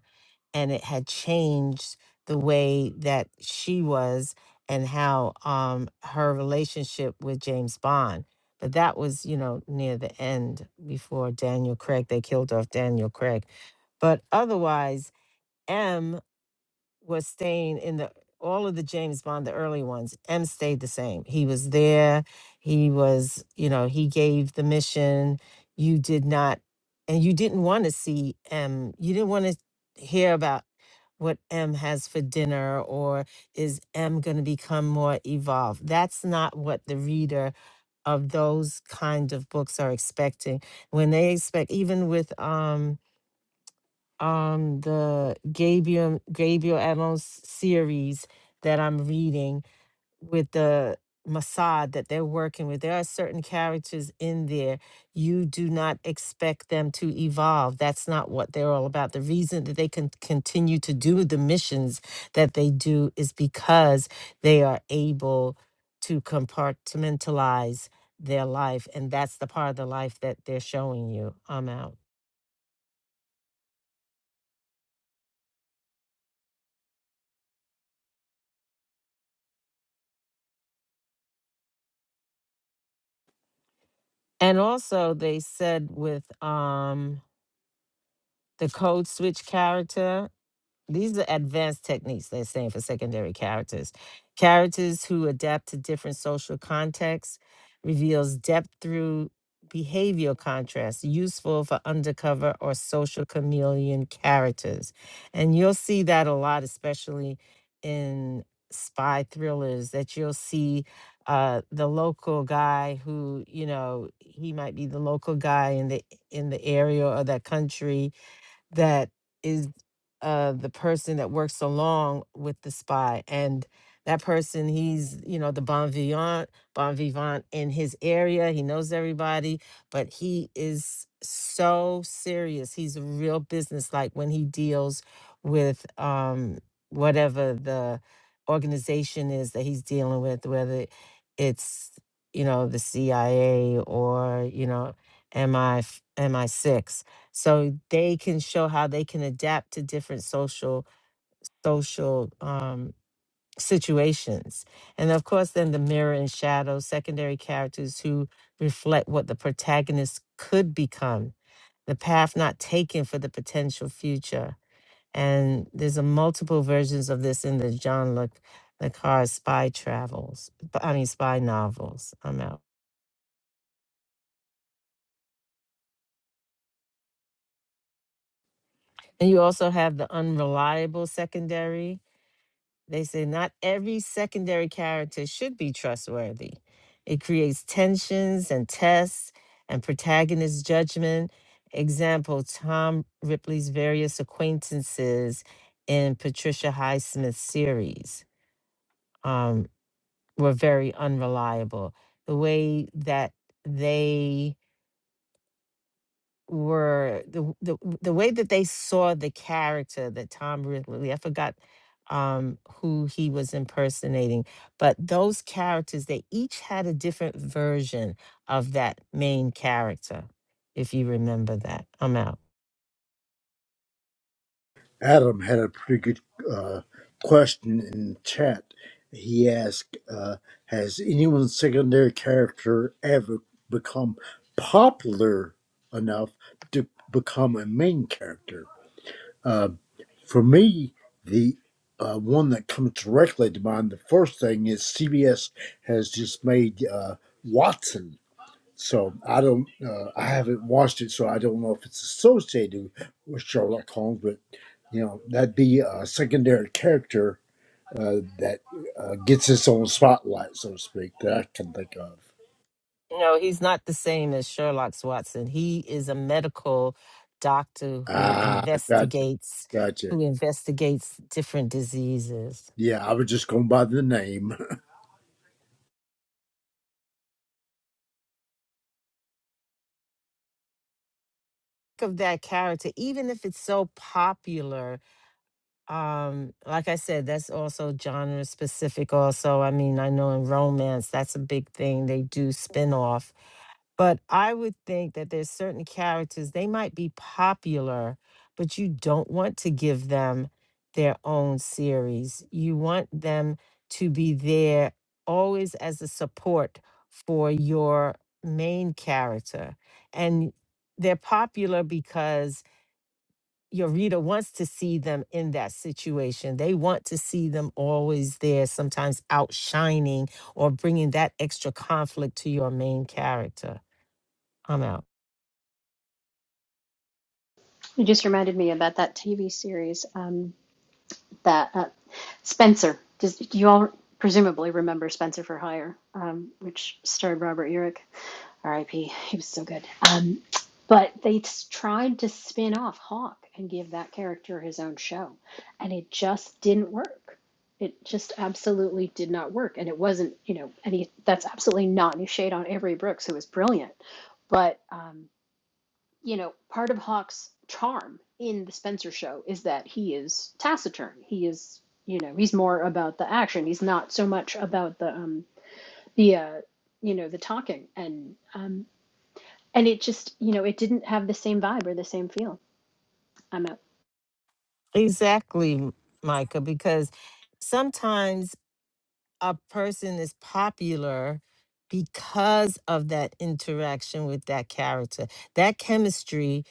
S2: and it had changed the way that she was and how um her relationship with james bond but that was, you know, near the end before Daniel Craig. They killed off Daniel Craig. But otherwise, M was staying in the all of the James Bond, the early ones, M stayed the same. He was there. He was, you know, he gave the mission. You did not, and you didn't want to see M. You didn't want to hear about what M has for dinner or is M going to become more evolved. That's not what the reader of those kind of books are expecting when they expect even with um um the Gabriel Gabriel Adams series that I'm reading with the Mossad that they're working with. There are certain characters in there. You do not expect them to evolve. That's not what they're all about. The reason that they can continue to do the missions that they do is because they are able to compartmentalize their life. And that's the part of the life that they're showing you. I'm out. And also they said with um the code switch character These are advanced techniques they're saying for secondary characters. Characters who adapt to different social contexts reveals depth through behavioral contrast, useful for undercover or social chameleon characters. And you'll see that a lot, especially in spy thrillers, that you'll see uh, the local guy who, you know, he might be the local guy in the in the area or that country that is uh the person that works along with the spy and that person he's you know the bon vivant bon vivant in his area he knows everybody but he is so serious he's a real business like when he deals with um whatever the organization is that he's dealing with whether it's you know the CIA or you know MI MI6 so they can show how they can adapt to different social social um, situations and of course then the mirror and shadow secondary characters who reflect what the protagonist could become the path not taken for the potential future and there's a multiple versions of this in the john le, le Carre spy travels i mean spy novels i'm out and you also have the unreliable secondary They say not every secondary character should be trustworthy. It creates tensions and tests and protagonist judgment. Example Tom Ripley's various acquaintances in Patricia Highsmith's series um, were very unreliable. The way that they were the the the way that they saw the character that Tom Ridley, I forgot um who he was impersonating, but those characters they each had a different version of that main character. If you remember that, I'm out.
S9: adam had a pretty good uh, question in the chat he asked uh, has anyone's secondary character ever become popular enough to become a main character Uh, For me, the uh, one that comes directly to mind, the first thing is CBS has just made uh, Watson. So I don't, uh, I haven't watched it, so I don't know if it's associated with Sherlock Holmes, but you know, that'd be a secondary character uh, that uh, gets its own spotlight, so to speak, that I can think of.
S2: No, he's not the same as Sherlock Watson. He is a medical doctor who
S9: Ah, gotcha.
S2: investigates
S9: Gotcha.
S2: who investigates different diseases.
S9: Yeah, I was just going by the name.
S2: Think Of that character, even if it's so popular um like i said that's also genre specific also i mean i know in romance that's a big thing they do spin off but i would think that there's certain characters they might be popular but you don't want to give them their own series you want them to be there always as a support for your main character and they're popular because your reader wants to see them in that situation. They want to see them always there, sometimes outshining or bringing that extra conflict to your main character. I'm out.
S8: It just reminded me about that TV series. um, that uh, Spencer. Does do you all presumably remember Spencer for Hire, um, which starred Robert Urich, R.I.P. He was so good. Um, but they s- tried to spin off Hawk and give that character his own show, and it just didn't work. It just absolutely did not work, and it wasn't you know any. That's absolutely not any shade on Avery Brooks, who was brilliant, but. Um, you know, part of Hawk's charm in the Spencer show is that he is taciturn. He is, you know, he's more about the action. He's not so much about the um the uh you know the talking and um and it just you know it didn't have the same vibe or the same feel. I'm out.
S2: Exactly, M- Micah, because sometimes a person is popular because of that interaction with that character. That chemistry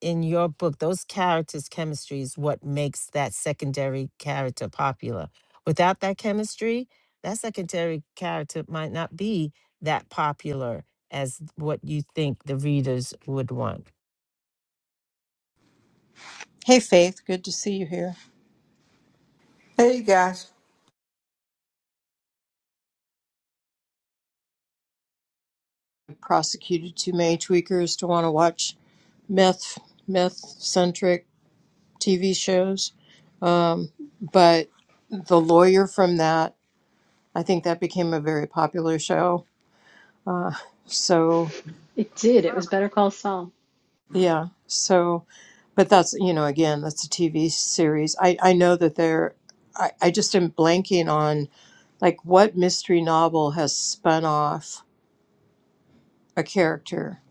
S2: in your book, those characters' chemistry is what makes that secondary character popular. Without that chemistry, that secondary character might not be that popular as what you think the readers would want.
S4: Hey, Faith, good to see you here.
S12: Hey, guys.
S4: Prosecuted too many tweakers to want to watch meth meth centric TV shows, um, but the lawyer from that I think that became a very popular show. Uh, so
S8: It did. It was Better Call Saul.
S4: yeah, so but that's you know again that's a TV series. I I know that there. I, I just am blanking on like what mystery novel has spun off a character.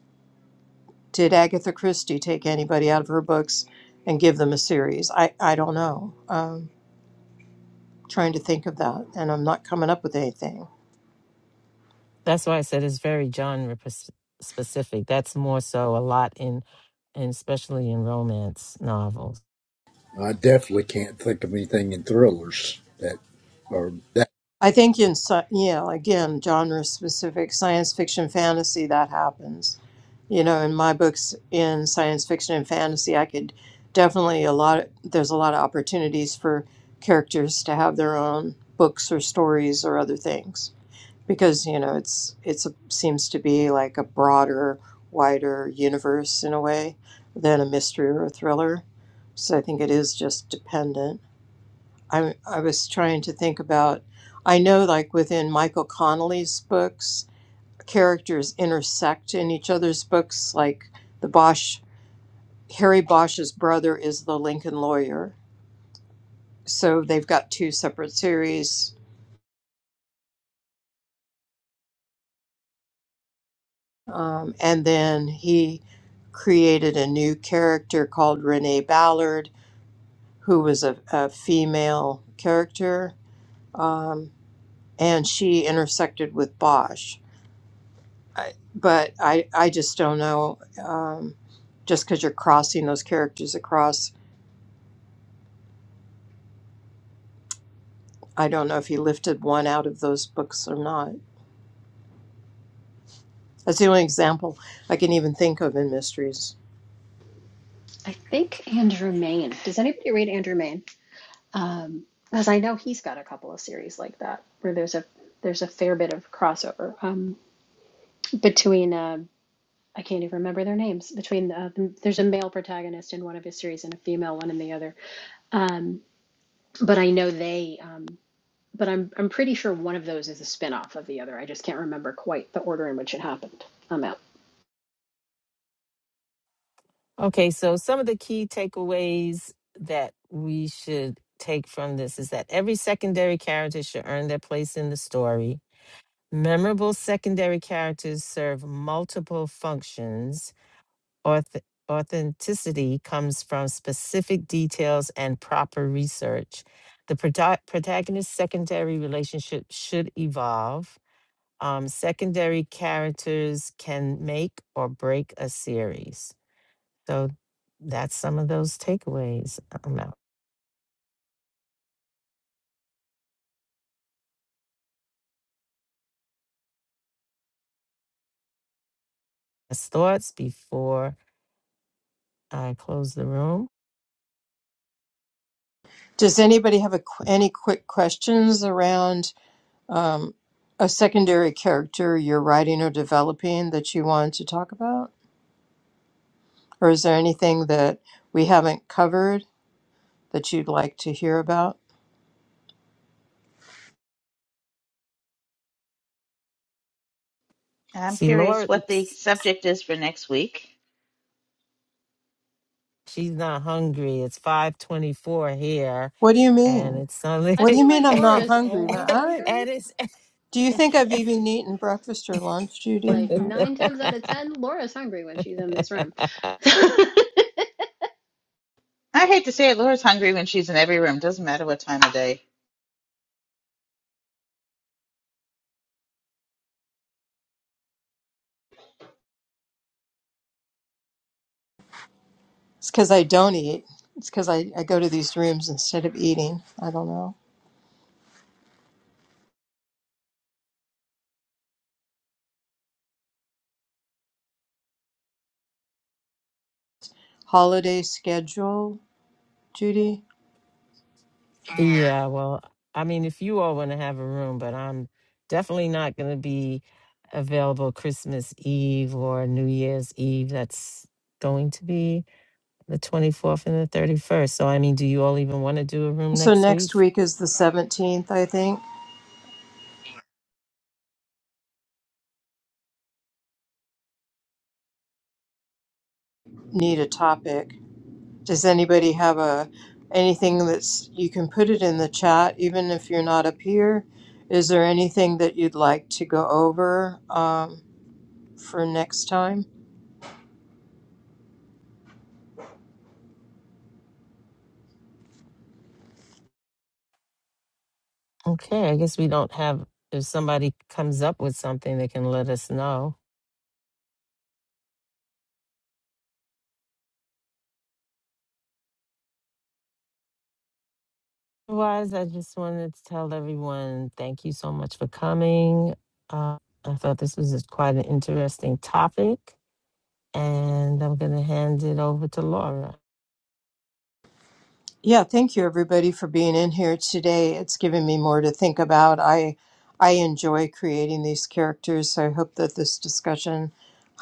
S4: Did Agatha Christie take anybody out of her books and give them a series? I I don't know. Um, trying to think of that, and I'm not coming up with anything.
S2: That's why I said it's very genre pers- specific. That's more so a lot in, and especially in romance novels.
S9: I definitely can't think of anything in thrillers that are
S4: I think in sci- yeah, again, genre specific science fiction fantasy that happens. You know, in my books in science fiction and fantasy, I could definitely a lot there's a lot of opportunities for characters to have their own books or stories or other things because, you know, it's it's a, seems to be like a broader, wider universe in a way than a mystery or a thriller. So I think it is just dependent. I I was trying to think about. I know, like within Michael Connolly's books, characters intersect in each other's books. Like the Bosch, Harry Bosch's brother is the Lincoln lawyer, so they've got two separate series. Um, and then he created a new character called Renee Ballard, who was a, a female character, um, and she intersected with Bosch. I, but I, I just don't know. Um, just because you're crossing those characters across, I don't know if he lifted one out of those books or not. That's the only example I can even think of in mysteries.
S8: I think Andrew Main. Does anybody read Andrew Main? Um, because I know he's got a couple of series like that where there's a there's a fair bit of crossover um between uh I can't even remember their names. Between the, the there's a male protagonist in one of his series and a female one in the other. Um, but I know they. Um, but I'm I'm pretty sure one of those is a spinoff of the other. I just can't remember quite the order in which it happened. I'm out.
S2: Okay, so some of the key takeaways that we should take from this is that every secondary character should earn their place in the story. Memorable secondary characters serve multiple functions. Auth- authenticity comes from specific details and proper research. The proto- protagonist secondary relationship should evolve. Um, secondary characters can make or break a series. So that's some of those takeaways. I'm out. thoughts before I close the room.
S4: Does anybody have a, qu- any quick questions around um, a secondary character you're writing or developing that you want to talk about? Or is there anything that we haven't covered that you'd like to hear about?
S3: And I'm
S2: See, Laura,
S3: curious what the
S2: s- s-
S3: subject is for next week.
S2: she's not hungry. It's 524 here
S4: What do you
S2: and
S4: mean?
S2: it's Sunday.
S8: I
S4: What do you
S8: feel
S4: mean
S8: like
S4: I'm
S2: and
S8: Laura
S4: not
S8: is
S4: hungry? Ma-
S8: always
S4: I.
S8: hungry.
S2: it's.
S4: Do you think I've even eaten breakfast or lunch, Judy?
S8: Like nine times out of ten, Laura's hungry when she's in this room.
S3: I hate to say it, Laura's hungry when she's in every room. Doesn't matter what time of day.
S4: It's because I don't eat. It's because I, I go to these rooms instead of eating. I don't know. Holiday schedule, Judy?
S2: yeah, well, I mean, if you all want to have a room, but I'm definitely not going to be available Christmas Eve or New Year's Eve. That's going to be the 24th and the 31st. So, I mean, do you all even want to do a room
S4: So
S2: next week?
S4: next week is the 17th, I think. Need a topic. Does anybody have a anything that's you can put it in the chat even if you're not up here? Is there anything that you'd like to go over um, for next time?
S2: Okay, I guess we don't have, if somebody comes up with something, they can let us know. Otherwise, I just wanted to tell everyone thank you so much for coming. Uh, I thought this was a- quite an interesting topic, and I'm going to hand it over to Laura.
S4: Yeah, thank you everybody for being in here today. It's given me more to think about. I I enjoy creating these characters, so I hope that this discussion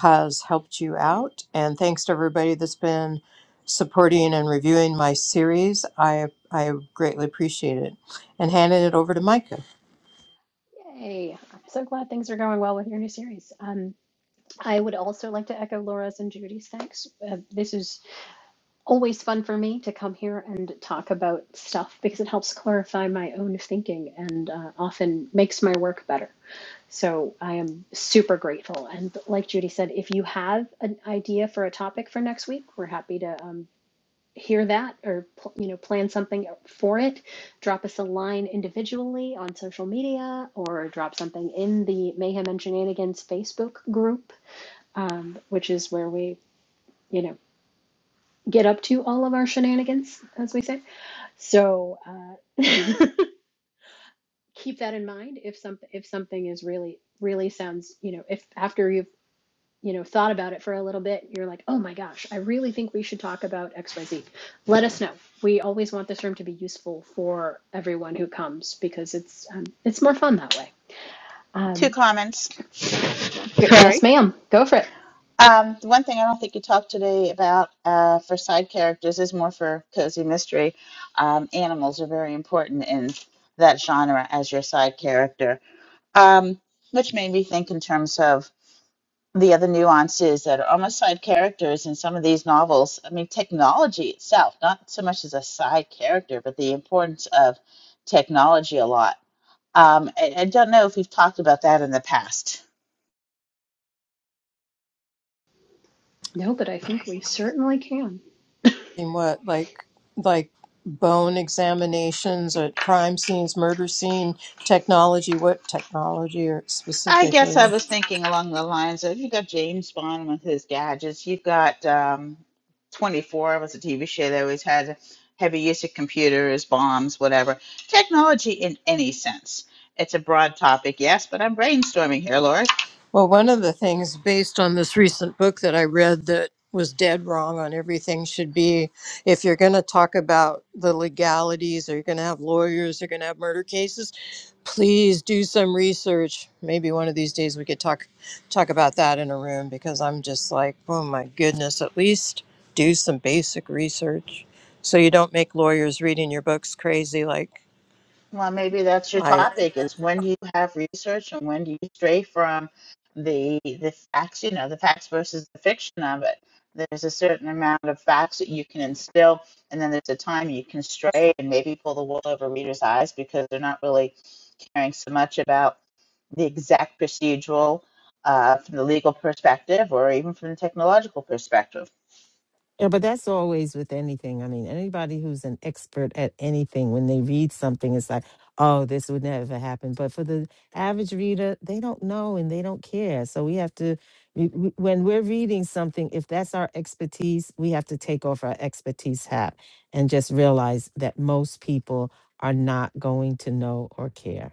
S4: has helped you out. And thanks to everybody that's been supporting and reviewing my series. I I greatly appreciate it. And handing it over to Micah.
S8: Yay! I'm so glad things are going well with your new series. Um, I would also like to echo Laura's and Judy's thanks. Uh, this is always fun for me to come here and talk about stuff because it helps clarify my own thinking and uh, often makes my work better. So I am super grateful. And like Judy said, if you have an idea for a topic for next week, we're happy to um, hear that or pl- you know plan something for it. Drop us a line individually on social media or drop something in the Mayhem and Shenanigans Facebook group, um, which is where we you know get up to all of our shenanigans, as we say so uh, keep that in mind if something if something is really really sounds you know if after you've you know thought about it for a little bit you're like oh my gosh I really think we should talk about X Y Z. Let us know. We always want this room to be useful for everyone who comes because it's um, it's more fun that way.
S3: Two
S8: Um,
S3: comments.
S8: g-
S3: Sorry.
S8: yes, ma'am. Go for it.
S3: Um, the one thing I don't think you talked today about uh, for side characters is more for cozy mystery. Um, animals are very important in that genre as your side character, um, which made me think in terms of the other nuances that are almost side characters in some of these novels. I mean, technology itself, not so much as a side character, but the importance of technology a lot. Um, I, I don't know if we've talked about that in the past.
S8: No, but I think we certainly can.
S4: In what like like bone examinations at crime scenes, murder scene technology, what technology or
S3: I guess I
S4: specifically?
S3: was thinking along the lines of you got James Bond with his gadgets. You've got um, 24 was a TV show that always had heavy use of computers, bombs, whatever. Technology in any sense. It's a broad topic, yes, but I'm brainstorming here, Laura.
S4: Well, one of the things based on this recent book that I read that was dead wrong on everything should be if you're going to talk about the legalities or you're going to have lawyers, you're going to have murder cases, please do some research. Maybe one of these days we could talk talk about that in a room because I'm just like, oh my goodness, at least do some basic research so you don't make lawyers reading your books crazy like
S3: Well, maybe that's your
S4: I
S3: topic is when do you have research and when do you stray from the the facts, you know, the facts versus the fiction of it. There's a certain amount of facts that you can instill, and then there's a time you can stray and maybe pull the wool over readers' eyes because they're not really caring so much about the exact procedural uh, from the legal perspective or even from the technological perspective.
S2: Yeah, but that's always with anything. I mean, anybody who's an expert at anything, when they read something, it's like, oh, this would never happen. But for the average reader, they don't know and they don't care. So we have to, we- we- when we're reading something, if that's our expertise, we have to take off our expertise hat and just realize that most people are not going to know or care.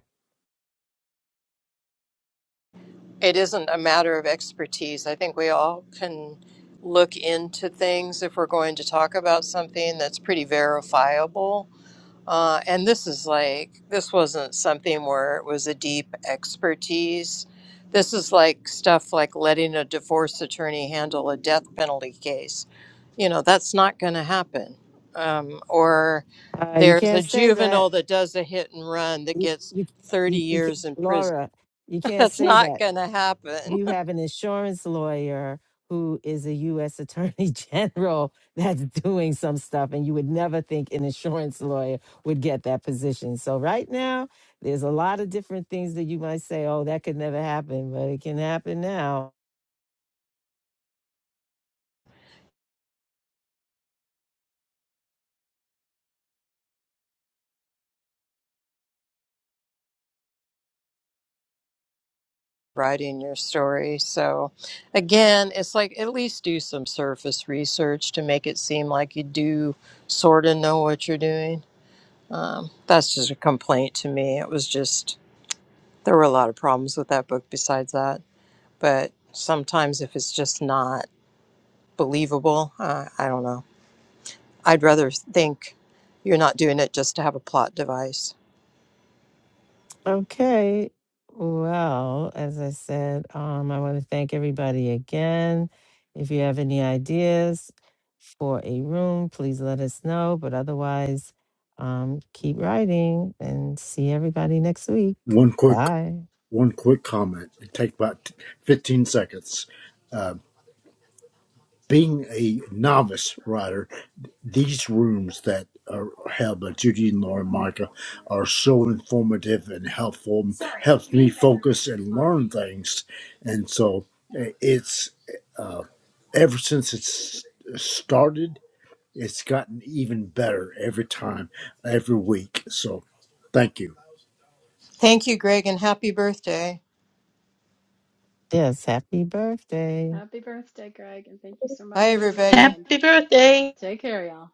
S4: It isn't a matter of expertise. I think we all can look into things if we're going to talk about something that's pretty verifiable. Uh, and this is like, this wasn't something where it was a deep expertise. This is like stuff like letting a divorce attorney handle a death penalty case. You know, that's not going to happen. Um, or
S2: Uh, you
S4: there's
S2: can't
S4: a
S2: say that.
S4: juvenile that does a hit and run that
S2: You,
S4: gets
S2: you,
S4: 30
S2: you, you, ca-
S4: years in prison.
S2: Laura, you can't
S4: That's
S2: say that.
S4: not going to happen.
S2: you have an insurance lawyer who is a U.S. Attorney General that's doing some stuff, and you would never think an insurance lawyer would get that position. So, right now, there's a lot of different things that you might say, oh, that could never happen, but it can happen now.
S4: writing your story. So, again, it's like at least do some surface research to make it seem like you do sort of know what you're doing. That's just a complaint to me. It was just, there were a lot of problems with that book besides that. But sometimes if it's just not believable, uh, I don't know. I'd rather think you're not doing it just to have a plot device.
S2: Okay. Well, as I said, um, I want to thank everybody again. If you have any ideas for a room, please let us know. But otherwise, um, keep writing and see everybody next week.
S9: one quick
S2: Bye.
S9: one quick comment. It take about fifteen seconds. Uh, being a novice writer, these rooms that are held by Judy and Laura and Micah are so informative and helpful. helps me focus and learn things, and so uh, it's uh, ever since it's started it's gotten even better every time, every week. So thank you.
S4: Thank you, Greg, and happy birthday.
S2: Yes, happy birthday.
S8: Happy birthday, Greg, and thank you so
S4: Bye,
S8: much. That's very
S4: everybody.
S8: kind.
S3: Happy birthday.
S8: Take care, y'all.